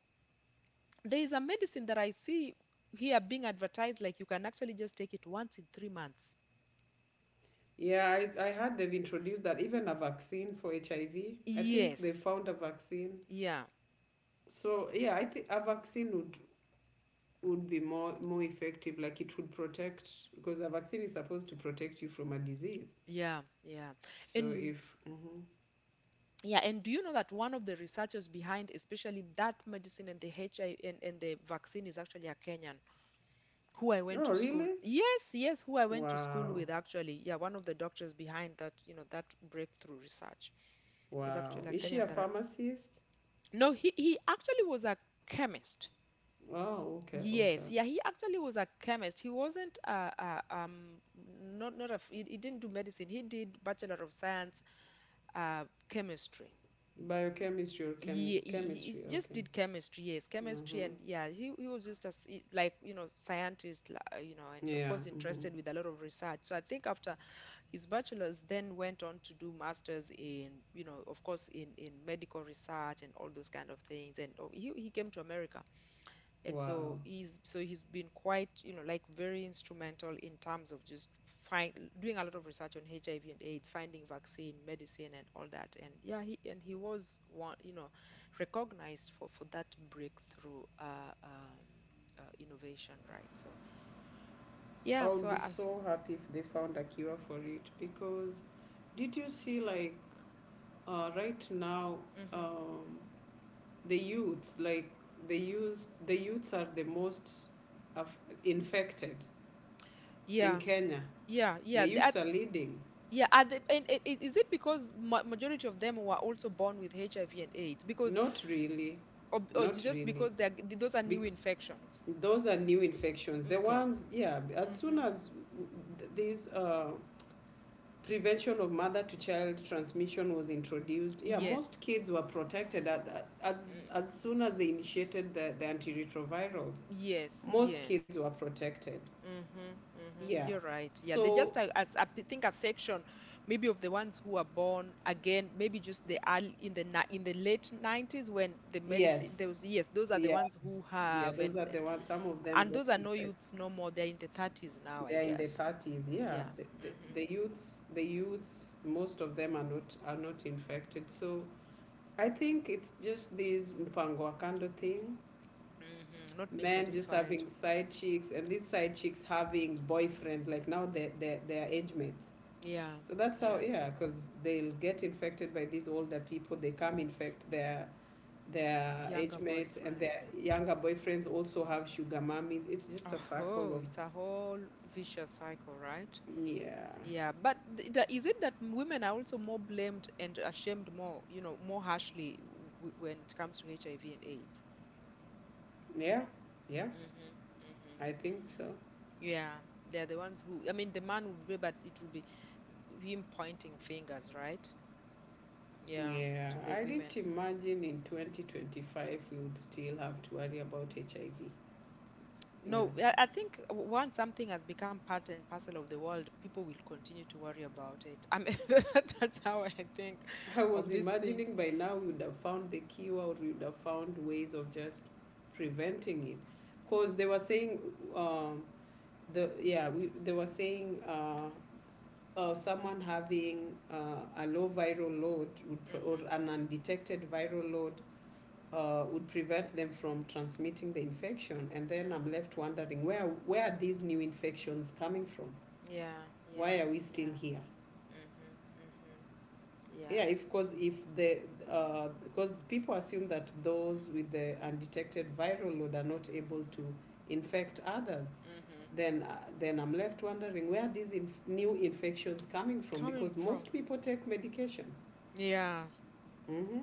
there is a medicine that I see here being advertised like you can actually just take it once in 3 months.
Yeah, I heard they've introduced that even a vaccine for HIV. I V. I think they
Yes.
found a vaccine.
Yeah.
So yeah, I think a vaccine would be more effective, like it would protect, because the vaccine is supposed to protect you from a disease.
Yeah. Yeah.
So
And
if
yeah, and do you know that one of the researchers behind especially that medicine and the HI and the vaccine is actually a Kenyan who I
Oh,
went to school.
really?
Yes, yes, who I went to school
Wow,
with actually. Yeah, one of the doctors behind that, you know, that breakthrough research is
wow.
actually a
Is she a
Kenyan that I.
pharmacist?
No, he actually was a chemist.
Oh, okay, okay.
Yes, yeah, he actually was a chemist. He wasn't not a, he didn't do medicine. He did Bachelor of Science uh, chemistry.
Biochemistry or
He, he,
chemistry.
he just
Okay.
did chemistry, yes, chemistry,
Mm-hmm.
and yeah, he was just as like you know scientist, you know, and of
Yeah.
course
Mm-hmm.
interested with a lot of research. So I think after his bachelor's, then went on to do masters in, you know, of course in medical research and all those kind of things. And oh, he came to America, and
Wow.
so he's, so he's been quite, you know, like very instrumental in terms of just find doing a lot of research on HIV and AIDS, finding vaccine, medicine, and all that. And yeah, he, and he was one, you know, recognized for that breakthrough innovation, right? So
I
yeah,
would
so
be
I,
so happy if they found a cure for it. Because did you see, like right now,
mm-hmm,
um, the youths, like the youths are the most aff infected in
yeah,
Kenya.
yeah, yeah.
The youths
At,
are leading.
yeah, are they, and I- is it because ma- majority of them were also born with HIV and AIDS? Because
Not really,
or ju-
not
just
really.
because they're, those are
Bec
new infections?
Those are new infections. The
Okay.
ones, yeah. As soon
Mm-hmm.
as this, prevention of mother to child transmission was introduced, yeah,
Yes.
most kids were protected as
Mm.
as soon as they initiated the antiretrovirals.
Yes,
Most kids
yes.
were protected.
Mm-hmm. Mm-hmm.
Yeah.
You're right. Yeah, they
So
just as I think a section, maybe of the ones who are born again, maybe just the early in the ni- in the late 90s when the medicine
yes,
those, yes, those are the
yeah,
ones who
yeah,
have.
those
and
are the ones. Some of them
and
got,
those are
in
no
fact,
youths no more. They're in the 30s now,
they
I
are in the
guess.
thirties. Yeah,
Yeah.
the, the,
Mm-hmm.
the youths, the youths, most of them are not infected. So I think it's just this mpango kando thing.
Mm-hmm. Not being
Men just
satisfied.
having side chicks, and these side chicks having boyfriends. Like now, they are age mates.
Yeah.
So that's how,
Yeah.
yeah, because they'll get infected by these older people. They come infect their age
Younger
mates, and their
boyfriends.
younger boyfriends also have sugar mummies. It's just a
Oh,
circle.
it's a whole vicious cycle, right?
Yeah,
Yeah, but th- the- is it that women are also more blamed and ashamed more, you know, more harshly w when it comes to HIV and AIDS?
yeah, yeah,
Mm-hmm, mm-hmm,
I think
mm-hmm.
so.
Yeah, they're the ones who, I mean, the man will be, but it will be him pointing fingers, right? Yeah,
Yeah,
to the
I
women.
didn't
So,
imagine in 2025 we would still have to worry about HIV. You
no,
know,
I think w- once something has become part and parcel of the world, people will continue to worry about it. I mean, that's how I think
I
of
was
these things.
imagining by now we would have found the cure, or we would have found ways of just preventing it. Because they were saying, um, the yeah, they were saying, someone having, a low viral load would or
Mm-hmm,
an undetected viral load, would prevent them from transmitting the infection. And then I'm
mm-hmm.
left wondering, where are these new infections coming from?
Yeah,
Why
yeah,
are we still
yeah.
here?
Mm-hmm. Mm-hmm.
Yeah,
Yeah.
if cause if the because people assume that those with the undetected viral load are not able to infect others,
Mm-hmm.
then I'm left wondering, where are these new infections coming from?
Coming
Because
from.
most people take medication.
Yeah.
Mm-hmm.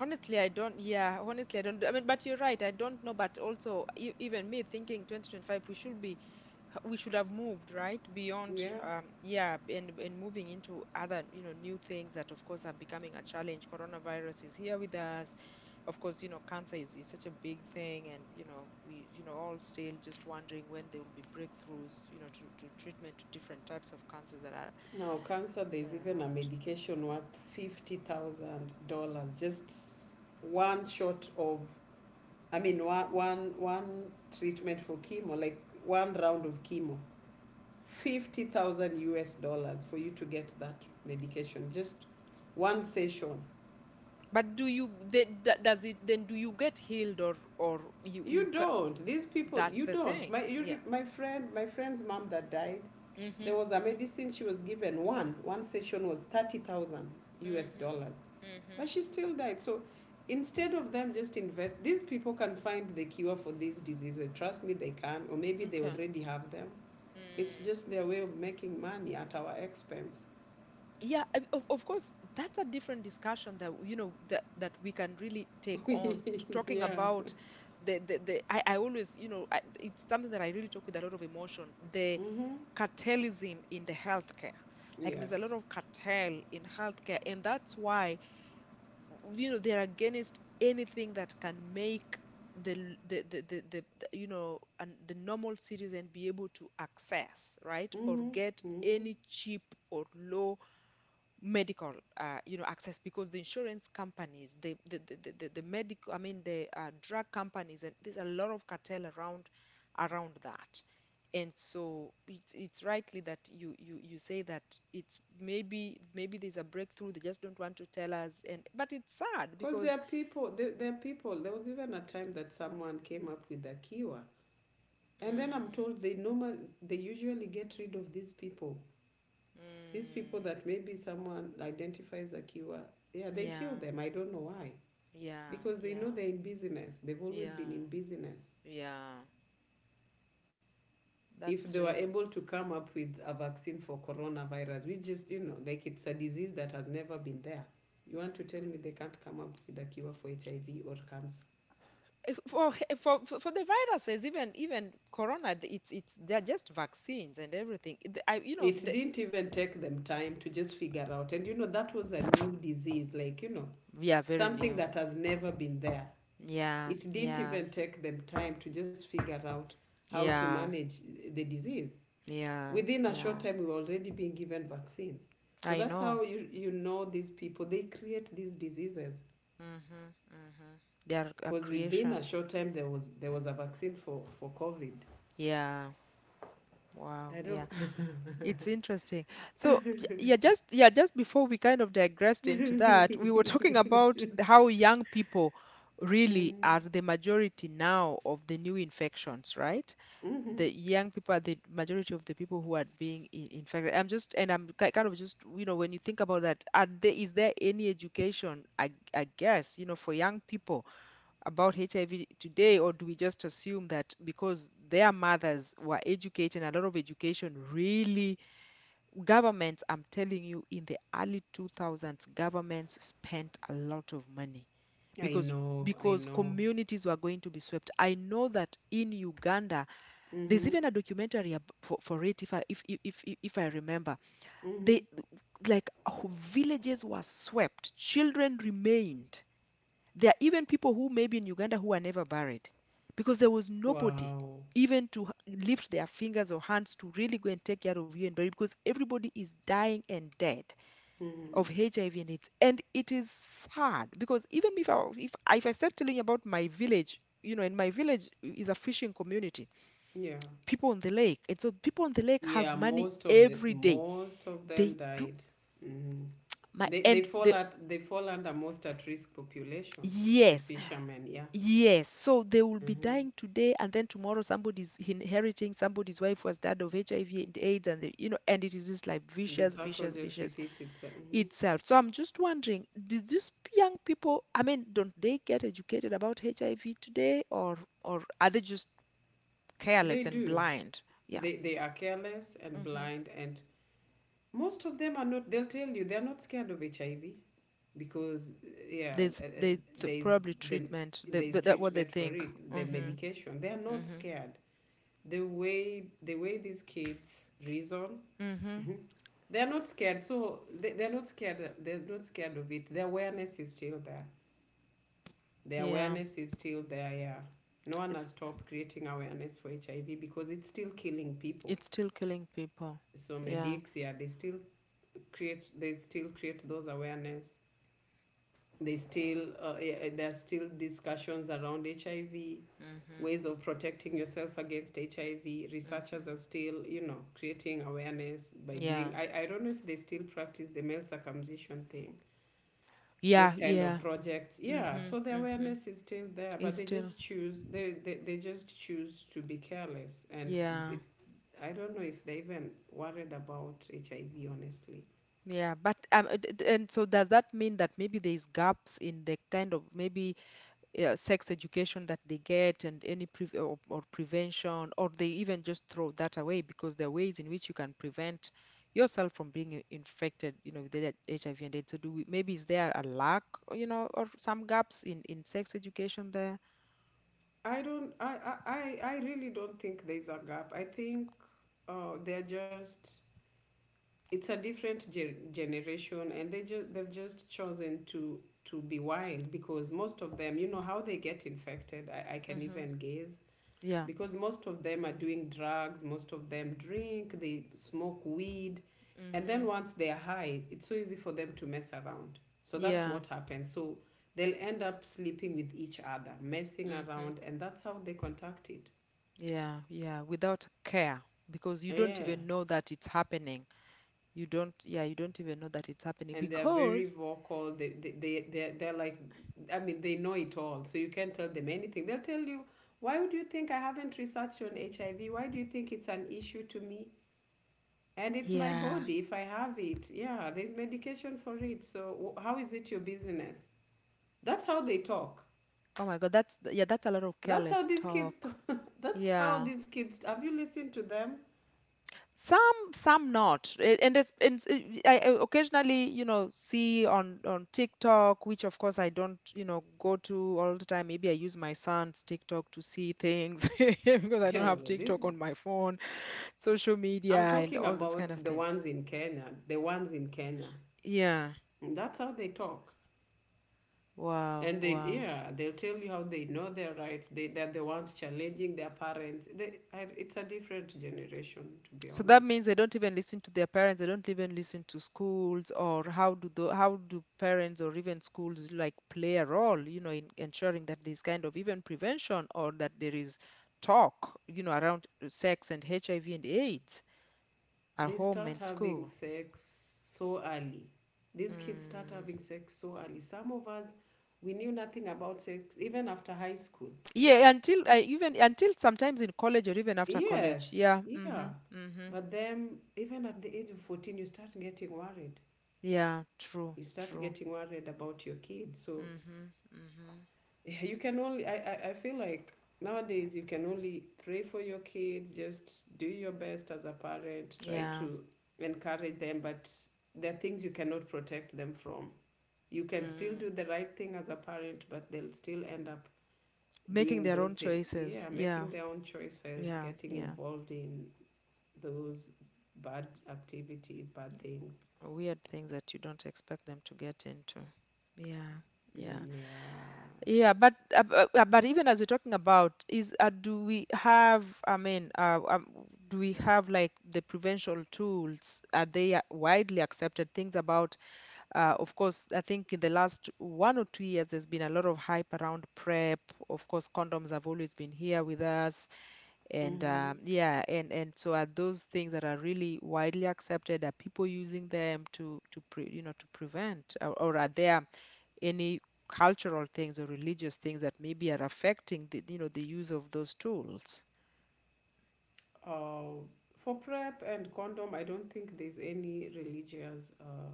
Honestly, I don't. Yeah. Honestly, I don't. I mean, but you're right. I don't know. But also, e- even me thinking 2025, we should be, we should have moved, right? Beyond,
Yeah.
yeah, and moving into other, you know, new things that, of course, are becoming a challenge. Coronavirus is here with us. Of course, you know, cancer is such a big thing, and you know, we, you know, all still just wondering when there will be breakthroughs, you know, to treatment to different types of cancers that are.
Now, cancer, there's
They're
even a
around.
medication worth $50,000, just one shot of, I mean, one treatment for chemo, like one round of chemo. 50,000 US dollars for you to get that medication, just one session.
But do you then d- does it then do you get healed, or you
You
ca-
don't. These people,
that's
you
the
don't.
thing. Yeah.
My friend's mom that died, there
Mhm.
was a
Mhm.
medicine she was given one. One session was 30,000 US
Mhm.
dollars.
Mhm.
But she still died. So instead of them just invest, these people can find the cure for these diseases. Trust me, they can. Or maybe they
Okay.
already have them. It's
Mm.
just their way of making money at our expense.
Yeah, I- of course, that's a different discussion that you know that we can really take on. T- talking
Yeah.
about the I always, you know I, it's something that I really talk with a lot of emotion, the
Mm-hmm.
cartelism in the healthcare, like there's a lot
Yes.
of cartel in healthcare, and that's why you know they're against anything that can make the the you know and the normal citizen be able to access, right, or
Mm-hmm.
get
Mm-hmm.
any cheap or low medical, you know, access, because the insurance companies, the medical, I mean the drug companies, and there's a lot of cartel around around that, and so it's rightly that you say that it's maybe maybe there's a breakthrough, they just don't want to tell us, and but it's sad
Because there are
because
people, there are people, there was even a time that someone came up with a cure. And then I'm
mm,
told they usually get rid of these people, these people
mm,
that maybe someone identifies a akiwa, yeah, they kill
yeah
them. I don't know why.
yeah
Because they
yeah
know they're in business. They've always been in
yeah
business.
yeah, that's
If they were
really
able to come up with a vaccine for coronavirus, like it's a disease that has never been there. You want to tell me they can't come up with a cure for HIV or cancer?
for the viruses, even even corona, th- it's they're just vaccines and everything. It- I, you know
It
the,
didn't even take them time to just figure out. And, that was a new disease, like,
we are very
something
new.
that has never been there.
Yeah
It didn't
yeah
even take them time to just figure out how to
yeah
manage the disease.
yeah
Within a short
yeah,
time, we were already being given vaccines.
I
So that's
know.
how you know these people. They create these diseases,
Mm-hmm, mm-hmm. They're a
because within a
creation.
short time there was a vaccine for COVID.
Yeah. Wow,
I don't.
yeah, it's interesting. So y- yeah, just, yeah, just before we kind of digressed into that, we were talking about the- how young people really are
Mhm.
the majority now of the new infections, right, the young people are the majority of the people who are being in, infected. I'm just, and I'm ki- kind of just, you know, when you think about that, are there, is there any education, I guess, you know, for young people about HIV today, or do we just assume that because their mothers were educated, and a lot of education really, governments, I'm telling you, in the early 2000s, governments spent a lot of money
I
because
know. I know.
communities were going to be swept. I know that in Uganda, there's
Hmm.
even a documentary ab- for it, if I remember. They
Hmm.
like wh- villages were swept, children remained. There are even people who maybe in Uganda who are never buried because there was nobody
Wow.
even to h- lift their fingers or hands to really go and take care of you and bury because everybody is dying and dead
Hmm.
of HIV and AIDS. And it is sad because even if I, if I, if I start telling you about my village, you know, in my village is a fishing community,
Yeah.
people on the lake. And so people on the lake have
Yeah,
money every day.
most of them
They do,
died. Hmm.
my,
They they
and
fall
the,
at they fall under most at risk population. The
yes,
fishermen, yeah.
yes. So they will be
Hmm.
dying today and then tomorrow somebody's inheriting somebody's wife was died of HIV and AIDS and the, you know, and it is this like
The
vicious,
cycle
vicious,
just
vicious
repeats itself. Hmm.
itself. So I'm just wondering, did these young people, I mean, don't they get educated about HIV today, or are they just
They
careless and
do.
blind? Yeah.
They are careless and
Mm-hmm.
blind, and most of them are not. They'll tell you they're not scared of HIV, because, yeah,
There's they th- probably treatment. They,
there's
th- that what they
treatment for
think.
it, the
Mhm.
medication. They are not
Mhm.
scared. The way these kids reason.
Mhm.
They're not scared. So they're not scared. They're not scared of it. The awareness is still there. The
Yeah.
awareness is still there. Yeah. No one
It's
has stopped creating awareness for HIV, because it's still killing people.
it's still killing people.
So
Yeah.
medics, yeah, they still create. They still create those awareness. They still Yeah, there's still discussions around HIV,
Mhm.
ways of protecting yourself against HIV. Researchers
Mhm.
are still, creating awareness by
Yeah.
doing. I don't know if they still practice the male circumcision thing, those
Yeah.
kind of
Yeah.
projects. Yeah,
Mhm.
so the
Mhm.
awareness is still there,
It's
but they
still.
just choose they they, they just choose to be careless and
Yeah.
it. I don't know if they even worried about HIV, honestly.
Yeah. But d- d- And so does that mean that maybe there's gaps in the kind of maybe yeah, sex education that they get and any pre or prevention, or they even just throw that away because there are ways in which you can prevent yourself from being I- infected, you know, with the HIV and AIDS. So do we, maybe is there a lack, you know, or some gaps in sex education there?
I don't i i i I really don't think there's a gap. I think, they're just it's a different generation, and they've just chosen to be wild, because most of them, you know how they get infected, I can
Mhm.
even guess.
Yeah,
Because most of them are doing drugs, most of them drink, they smoke weed, and then
mhm,
once they are high, it's so easy for them to mess around. So that's
yeah,
what happens. So they'll end up sleeping with each other, messing
mhm,
around, and that's how they contact it.
yeah, yeah. Without care, because you don't
Yeah.
even know that it's happening. You don't, yeah, you don't even know that it's happening
And they're very
because,
vocal. They're like, I mean, they know it all. So you can't tell them anything. They'll tell you, why would you think I haven't researched on HIV? Why do you think it's an issue to me? And it's my
yeah.
body if I have it. Yeah, there's medication for it. So how is it your business? That's how they talk.
Oh my God, that's yeah, that's a lot of
That's how
careless
these kids
talk.
talk. That's how
Yeah.
these kids Have you listened to them?
Some not. A- And it's, and it- I occasionally, you know, see on TikTok, which of course I don't, you know, go to all the time. Maybe I use my son's TikTok to see things because I don't
Yeah,
have TikTok
this
on my phone, social media
I'm
and
talking
all those kind
about
of
the
things.
ones in Kenya, the ones in Kenya.
Yeah.
That's how they talk.
Wow,
And they
wow.
yeah, they'll tell you how they know their rights. They're the ones challenging their parents. It's a different generation, to be
So that
honest.
means they don't even listen to their parents. They don't even listen to schools, or how do the, how do parents or even schools like play a role, you know, in ensuring that there's kind of even prevention or that there is talk, you know, around sex and HIV and AIDS at
They
home
start
and
having
school.
sex so early. These kids start
Mm.
having sex so early. Some of us, we knew nothing about sex even after high school.
Yeah, until I even until sometimes in college or even after college.
Yes,
Yeah.
yeah.
Mm-hmm. Mm-hmm.
But then, even at the age of 14, you start getting worried.
Yeah. True.
You start
True.
getting worried about your kids. So,
Mm-hmm. Mm-hmm.
I feel like nowadays you can only pray for your kids, just do your best as a parent, try
Yeah.
to encourage them, but there are things you cannot protect them from. You can still
Mm.
do the right thing as a parent, but they'll still end up
Making
doing
their
those
own
things.
choices.
Yeah,
Yeah.
making their own choices,
Yeah,
getting
yeah.
involved in those bad activities, bad things.
Weird things that you don't expect them to get into. Yeah, yeah,
Mm. Yeah.
yeah. But even as we're talking about is do we have? I mean, do we have like the prevention tools? Are they widely accepted? Things about, of course, I think in the last 1 or 2 years, there's been a lot of hype around PrEP. Of course, condoms have always been here with us. And
Mm-hmm.
yeah, and so are those things that are really widely accepted? Are people using them to pre, you know to prevent, or are there any cultural things or religious things that maybe are affecting the the use of those tools?
Uh, for prep and condom, I don't think there's any religious.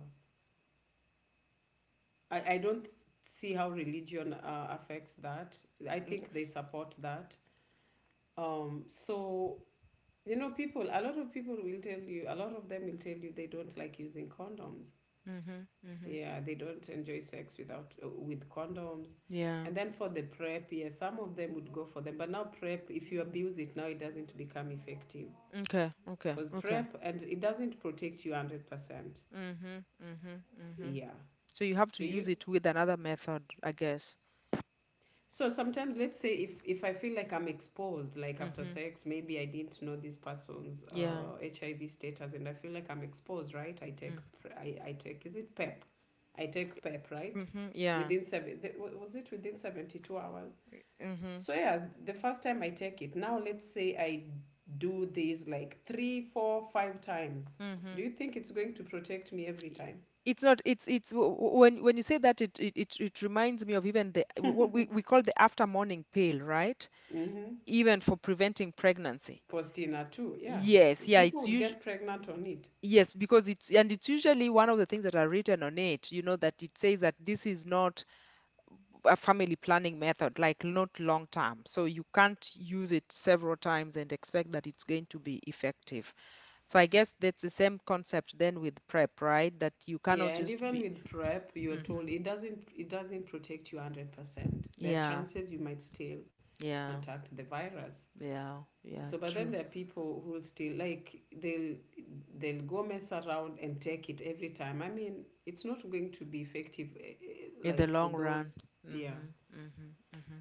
I don't see how religion affects that. I think they support that. So, a lot of people will tell you, a lot of them will tell you they don't like using condoms.
Mm-hmm, mm-hmm.
Yeah, they don't enjoy sex without with condoms.
Yeah.
And then for the prep, yeah, some of them would go for them. But now prep, if you abuse it, now it doesn't become effective.
Okay. Okay.
Because
Okay.
prep, and it doesn't protect you 100%.
Mm-hmm. Mm-hmm. Mm-hmm.
Yeah.
So you have to
So
use
you
it with another method, I guess.
So sometimes, let's say if I feel like I'm exposed, like after
Mm-hmm.
sex, maybe I didn't know this person's,
Yeah.
HIV status, and I feel like I'm exposed, right? I take, is it PEP? I take PEP, right?
Mm-hmm. Yeah.
Within seven the- wa- Was it within 72 hours?
Mm-hmm.
So yeah, the first time I take it. Now let's say I do this like three, four, five times.
Mm-hmm.
Do you think it's going to protect me every time?
it's not it's it's w- w- when you say that it reminds me of even the what we call the after morning pill, right?
Mm-hmm.
Even for preventing pregnancy.
Postina too, yeah.
Yes, yeah,
People
it's
would
usually,
get pregnant on it.
yes, because it's, and it's usually one of the things that are written on it, you know, that it says that this is not a family planning method, like not long term, so you can't use it several times and expect that it's going to be effective. So I guess that's the same concept then with PrEP, right? That you
Yeah,
cannot
and
just
even
be.
with PrEP, you're
Mhm.
told it doesn't protect you 100%. There are
Yeah.
chances you might still
Yeah,
contact the virus.
yeah, yeah,
So but then
true.
there are people who'll still like they'll go mess around and take it every time. I mean, it's not going to be effective
In the
like for
long run.
those, yeah.
Mm-hmm, mm-hmm, mm-hmm.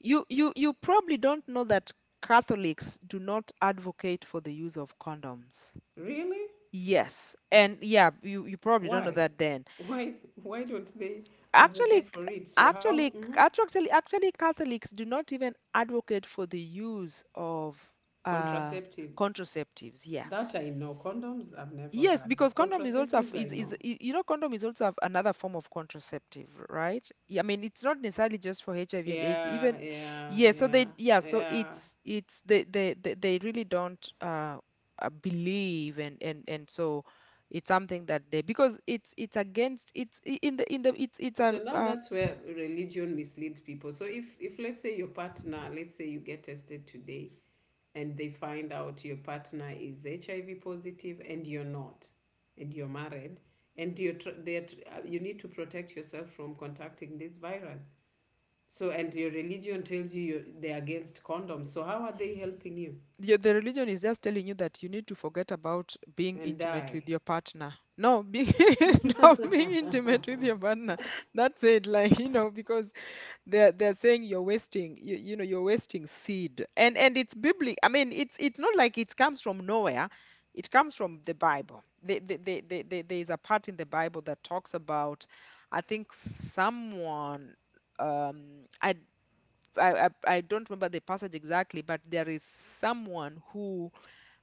You probably don't know that Catholics do not advocate for the use of condoms.
Really?
Yes. And yeah, you probably don't know
Why?
that then.
Why why don't they
Actually,
advocate
c-
for it? So how. Mhm.
Actually, Catholics do not even advocate for the use of uh
Contraceptives?
contraceptives. Yes.
That I know. Condoms I've never
Yes,
had.
because condom is also a
Contraceptives
f-
I know.
is I- you know, condom is also another form of contraceptive, right? Yeah, I mean it's not necessarily just for HIV and AIDS. Even
Yeah, yeah,
yeah, so
yeah,
they, yeah, so
yeah.
it's they really don't believe, and so it's something that they, because it's against it's I- in the it's
So
a
now that's where religion misleads people. So if let's say your partner, let's say you get tested today and they find out your partner is HIV positive and you're not and you're married and you're tr- they're tr- you need to protect yourself from contacting this virus. So and your religion tells you they're against condoms. So how are they helping you?
your, the religion is just telling you that you need to forget about being
And
intimate with
die.
your partner. No, be, stop being intimate with your partner. That's it. Like, you know, because they're saying you're wasting. You know, you're wasting seed. And it's biblical. I mean, it's not like it comes from nowhere. It comes from the Bible. There is a part in the Bible that talks about, I think someone. Um, I I, I I don't remember the passage exactly, but there is someone who,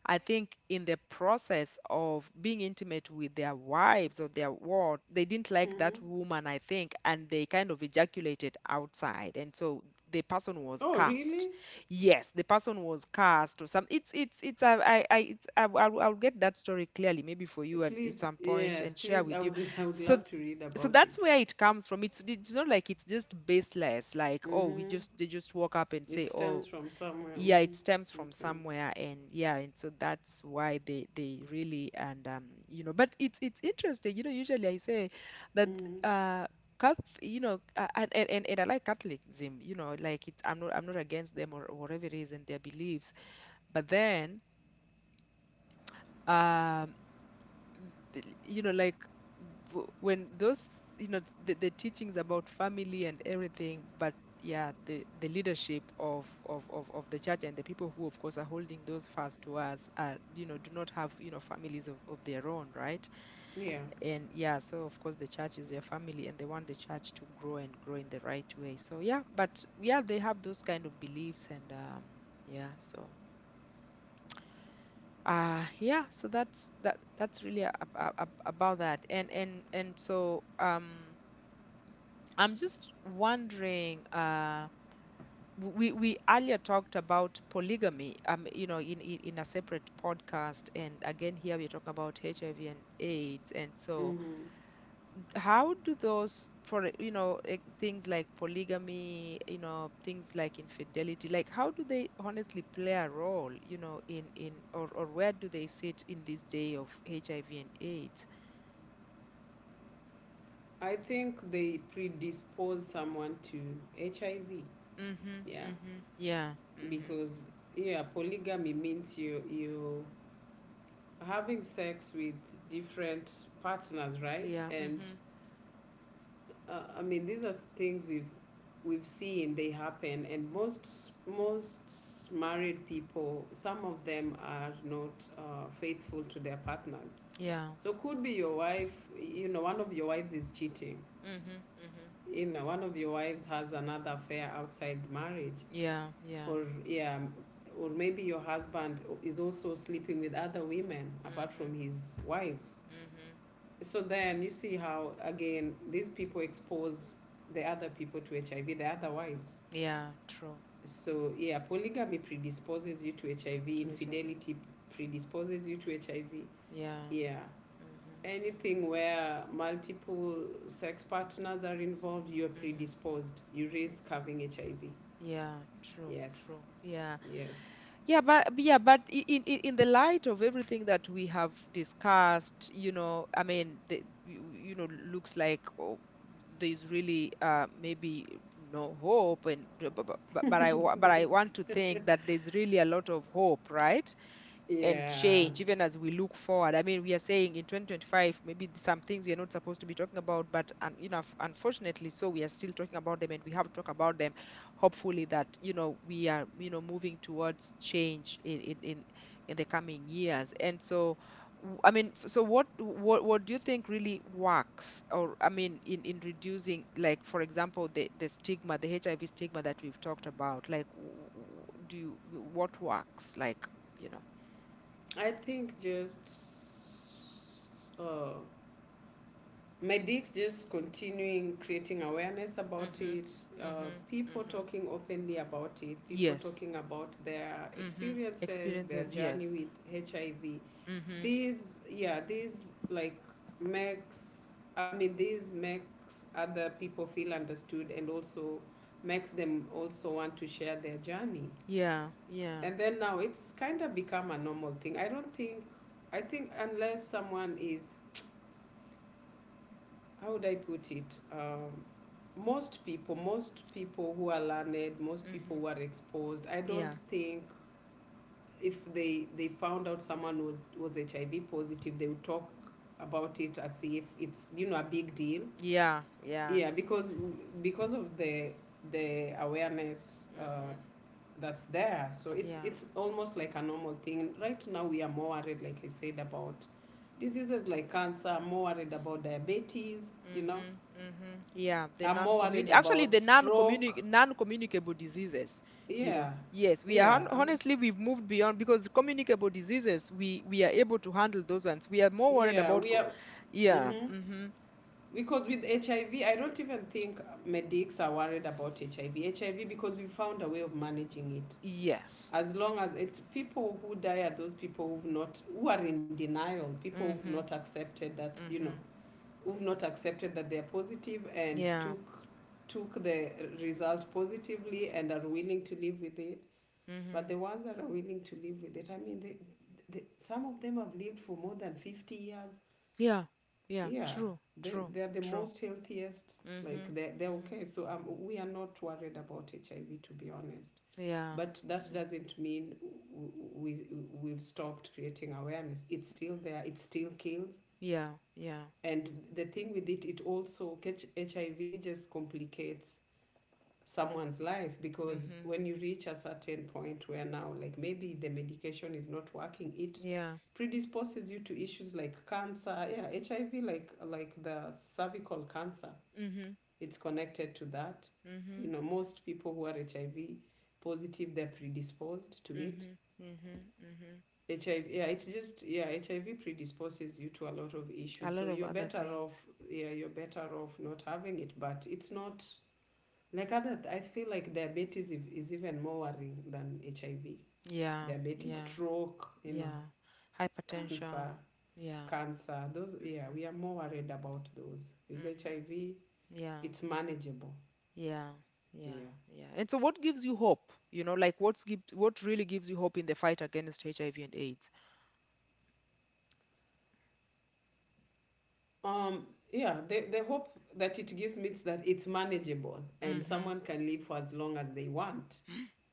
I think, in the process of being intimate with their wives or their ward, they didn't like that woman, I think, and they kind of ejaculated outside. And so the person was
Oh, really?
cast. Yes, the person was cast or some. It's I it's I, I'll get that story clearly maybe for you and at
Please,
some point
yes,
and share
please.
with you.
I would
So
love
th-
to read
so
about
that's
it.
where it comes from. It's not like it's just baseless. Like, oh, we
Mm-hmm.
just, they just walk up and
It
say,
stems
oh,
from somewhere.
yeah,
Mm-hmm.
it stems from
Okay.
somewhere. And yeah, and so that's why they really. And um, you know, but it's interesting, you know, usually I say that
Mm-hmm.
uh Cath, you know, and I like Catholicism, you know, like, it's I'm not against them or whatever it is and their beliefs. But then, um, you know, like when those, you know, the teachings about family and everything, but yeah, the leadership of the church and the people who, of course, are holding those fast to us are, you know, do not have, you know, families of their own, right?
Yeah.
And yeah, so of course, the church is their family and they want the church to grow and grow in the right way. So yeah, but yeah, they have those kind of beliefs. And yeah, so. Yeah, so that's that's really about that. And so um, I'm just wondering, uh, we earlier talked about polygamy, um, you know, in a separate podcast, and again here we're talking about HIV and AIDS. And so
Mm-hmm.
how do those, for you know, eh, things like polygamy, you know, things like infidelity, like how do they honestly play a role, you know, in or where do they sit in this day of HIV and AIDS?
I think they predispose someone to HIV.
Mhm,
Yeah,
mhm, yeah, mhm,
because yeah, polygamy means you having sex with different partners, right?
yeah,
And
mhm,
I mean, these are things we've seen they happen, and most married people, some of them are not faithful to their partner.
yeah,
So could be your wife. One of your wives is cheating.
mhm, mhm,
One of your wives has another affair outside marriage,
yeah, yeah,
or yeah, or maybe your husband is also sleeping with other women apart
mhm,
from his wives.
mhm,
So then you see how again these people expose the other people to HIV, the other wives.
yeah, true,
So yeah, polygamy predisposes you to HIV.
to HIV,
Infidelity predisposes you to HIV.
yeah,
Yeah.
mhm, mhm,
Anything where multiple sex partners are involved, you're
mhm,
predisposed. You risk having HIV.
yeah, true,
Yes.
true. Yeah.
Yes.
Yeah, but in, in the light of everything that we have discussed, you know, I mean, the, you know, looks like, oh, there's really, maybe no hope, and but, but I want to think that there's really a lot of hope, right? And
Yeah.
change, even as we look forward. I mean, we are saying in 2025 maybe some things we are not supposed to be talking about, but you know, unfortunately so, we are still talking about them, and we have to talk about them, hopefully, that, you know, we are, you know, moving towards change in the coming years. And so I mean, so what what do you think really works? Or I mean, in reducing, like for example, the stigma, the HIV stigma that we've talked about, like do you, what works, like, you know.
I think just. Oh. Medix just continuing creating awareness about
Mhm.
it,
Mhm.
people
Mhm.
talking openly about it, people
Yes.
talking about their
Mhm.
experiences, their
Experiences,
journey
yes.
with HIV.
Mhm.
These, yeah, these like makes, I mean, these makes other people feel understood and also makes them also want to share their journey.
Yeah, yeah,
And then now it's kind of become a normal thing. I think unless someone is how would I put it? Most people who are learned, most people
mhm,
who are exposed, I don't
yeah,
think if they found out someone was HIV positive, they would talk about it as if it's a big deal.
yeah. Yeah.
Yeah, because of the awareness
Mhm.
that's there, so it's
Yeah.
it's almost like a normal thing. Right now, we are more worried, like I said, about diseases like cancer, more worried about diabetes,
Mhm. Mhm. Yeah, the
I'm more
non-communi,
worried
actually
about
the
stroke.
non-communicable diseases, you know.
Yeah,
Yes, we are
yeah, I'm,
honestly, we've moved beyond because communicable diseases, we are able to handle those ones. We are more worried
yeah, we
about
are,
co, yeah.
mm-hmm.
Hmm.
Because with HIV, I don't even think medics are worried about HIV. HIV, because we found a way of managing it.
Yes.
As long as it, People who die are those people who've not, who are in denial, people who've not
Mhm.
accepted that,
Mhm.
who've not accepted that they're positive and
Yeah.
took the result positively and are willing to live with it. But
Mm-hmm.
the ones that are willing to live with it, I mean, some of them have lived for more than 50 years.
Yeah. Yeah.
Yeah,
True. True.
they're the
True.
most healthiest. Like,
Mhm.
they're
Mhm.
okay. So we are not worried about HIV, to be honest.
Yeah.
But that
Yeah.
doesn't mean we've stopped creating awareness. It's still there, it still kills.
Yeah. Yeah.
And the thing with it, it also, catch HIV just complicates someone's life because
Mhm.
when you reach a certain point where now like maybe the medication is not working, it
Yeah.
predisposes you to issues like cancer, yeah, HIV, like the cervical cancer.
Mhm.
It's connected to that.
Mhm.
Most people who are HIV positive, they're predisposed to it.
Mhm. Mhm. Mhm.
HIV, yeah, it's just yeah HIV predisposes you to a lot of
A
issues,
lot
so
of
you're
other
better
things.
off, yeah, you're better off not having it. But it's not like other, I feel like diabetes is even more worrying than HIV.
Yeah.
Diabetes,
Yeah.
stroke,
Yeah. Hypertension.
cancer,
Yeah.
cancer. Those, yeah,
Mhm.
we are more worried about those. With
Mhm.
HIV,
Yeah.
it's manageable.
Yeah. Yeah.
Yeah.
Yeah. And so what gives you hope? You know, like, what's give, what really gives you hope in the fight against HIV and AIDS?
Um. Yeah. The hope that it gives me is that it's manageable and
Mhm.
someone can live for as long as they want.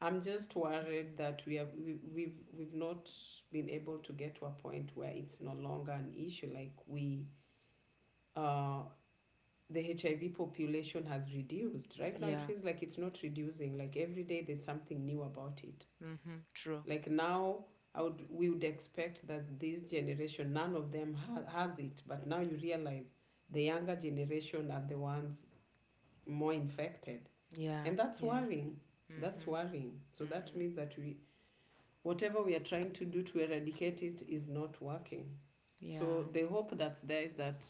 I'm just worried that we have we, we've not been able to get to a point where it's no longer an issue. Like we uh the HIV population has reduced. Right now, it
Yeah.
feels like it's not reducing. Like every day, there's something new about it.
Mm-hmm. True.
Like now, I would we would expect that this generation, none of them has it, but now you realize the younger generation are the ones more infected,
Yeah,
and that's
yeah.
worrying. That's
Mm-hmm.
worrying. So that
Mm-hmm.
means that we whatever we are trying to do to eradicate it is not working. So
Yeah.
the hope that's there is that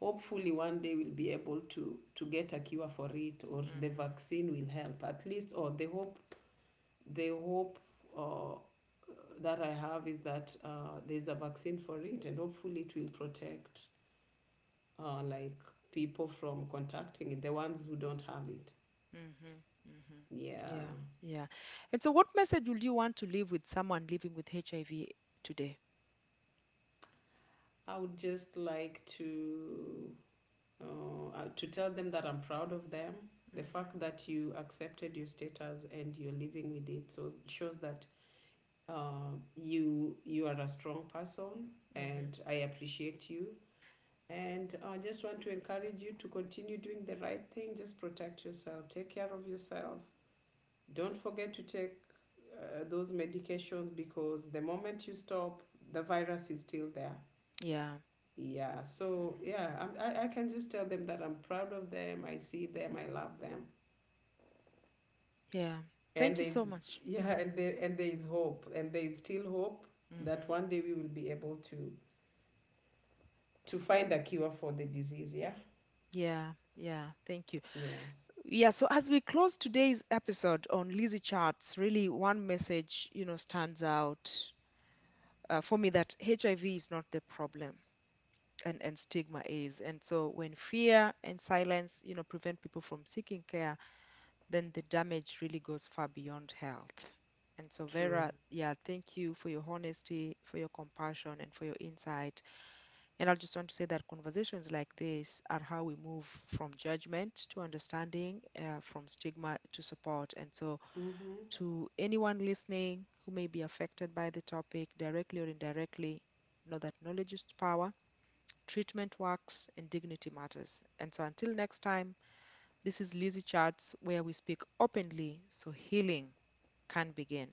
hopefully one day we'll be able to get a cure for it, or the
Mm-hmm.
vaccine will help at least, or the hope uh, that I have is that there's a vaccine for it, and hopefully it will protect like people from contacting it, the ones who don't have it.
Mm-hmm. Mm-hmm.
Yeah.
Yeah, yeah. And so what message would you want to leave with someone living with HIV today?
I would just like to tell them that I'm proud of them. The
Mm-hmm.
fact that you accepted your status and you're living with it, so it shows that you are a strong person,
Mm-hmm.
and I appreciate you. And I just want to encourage you to continue doing the right thing. Just protect yourself. Take care of yourself. Don't forget to take those medications because the moment you stop, the virus is still there.
Yeah.
Yeah. So
Mm-hmm.
yeah, I can just tell them that I'm proud of them. I see them. I love them.
Yeah. Thank
And
you so
there's
much.
yeah,
Mm-hmm.
and there is hope, and there is still hope that
Mm-hmm.
one day we will be able to find a cure for the disease. Yeah,
Yeah, yeah, thank you.
yes,
Yeah, so as we close today's episode on Lizzie Charts, really one message, you know, stands out, for me, that HIV is not the problem, and stigma is. And so when fear and silence, you know, prevent people from seeking care, then the damage really goes far beyond health. And so,
true.
Vera, yeah, thank you for your honesty, for your compassion, and for your insight. And I just want to say that conversations like this are how we move from judgment to understanding, from stigma to support. And so,
Mm-hmm.
to anyone listening who may be affected by the topic directly or indirectly, know that knowledge is power, treatment works, and dignity matters. And so until next time, this is Lizzie Chats, where we speak openly so healing can begin.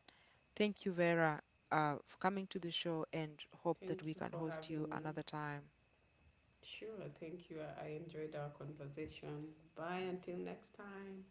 Thank you, Vera, for coming to the show and hope that we
Thank you
can
for
host you
having
another
me.
time.
Sure, thank you. I enjoyed our conversation. Bye until next time.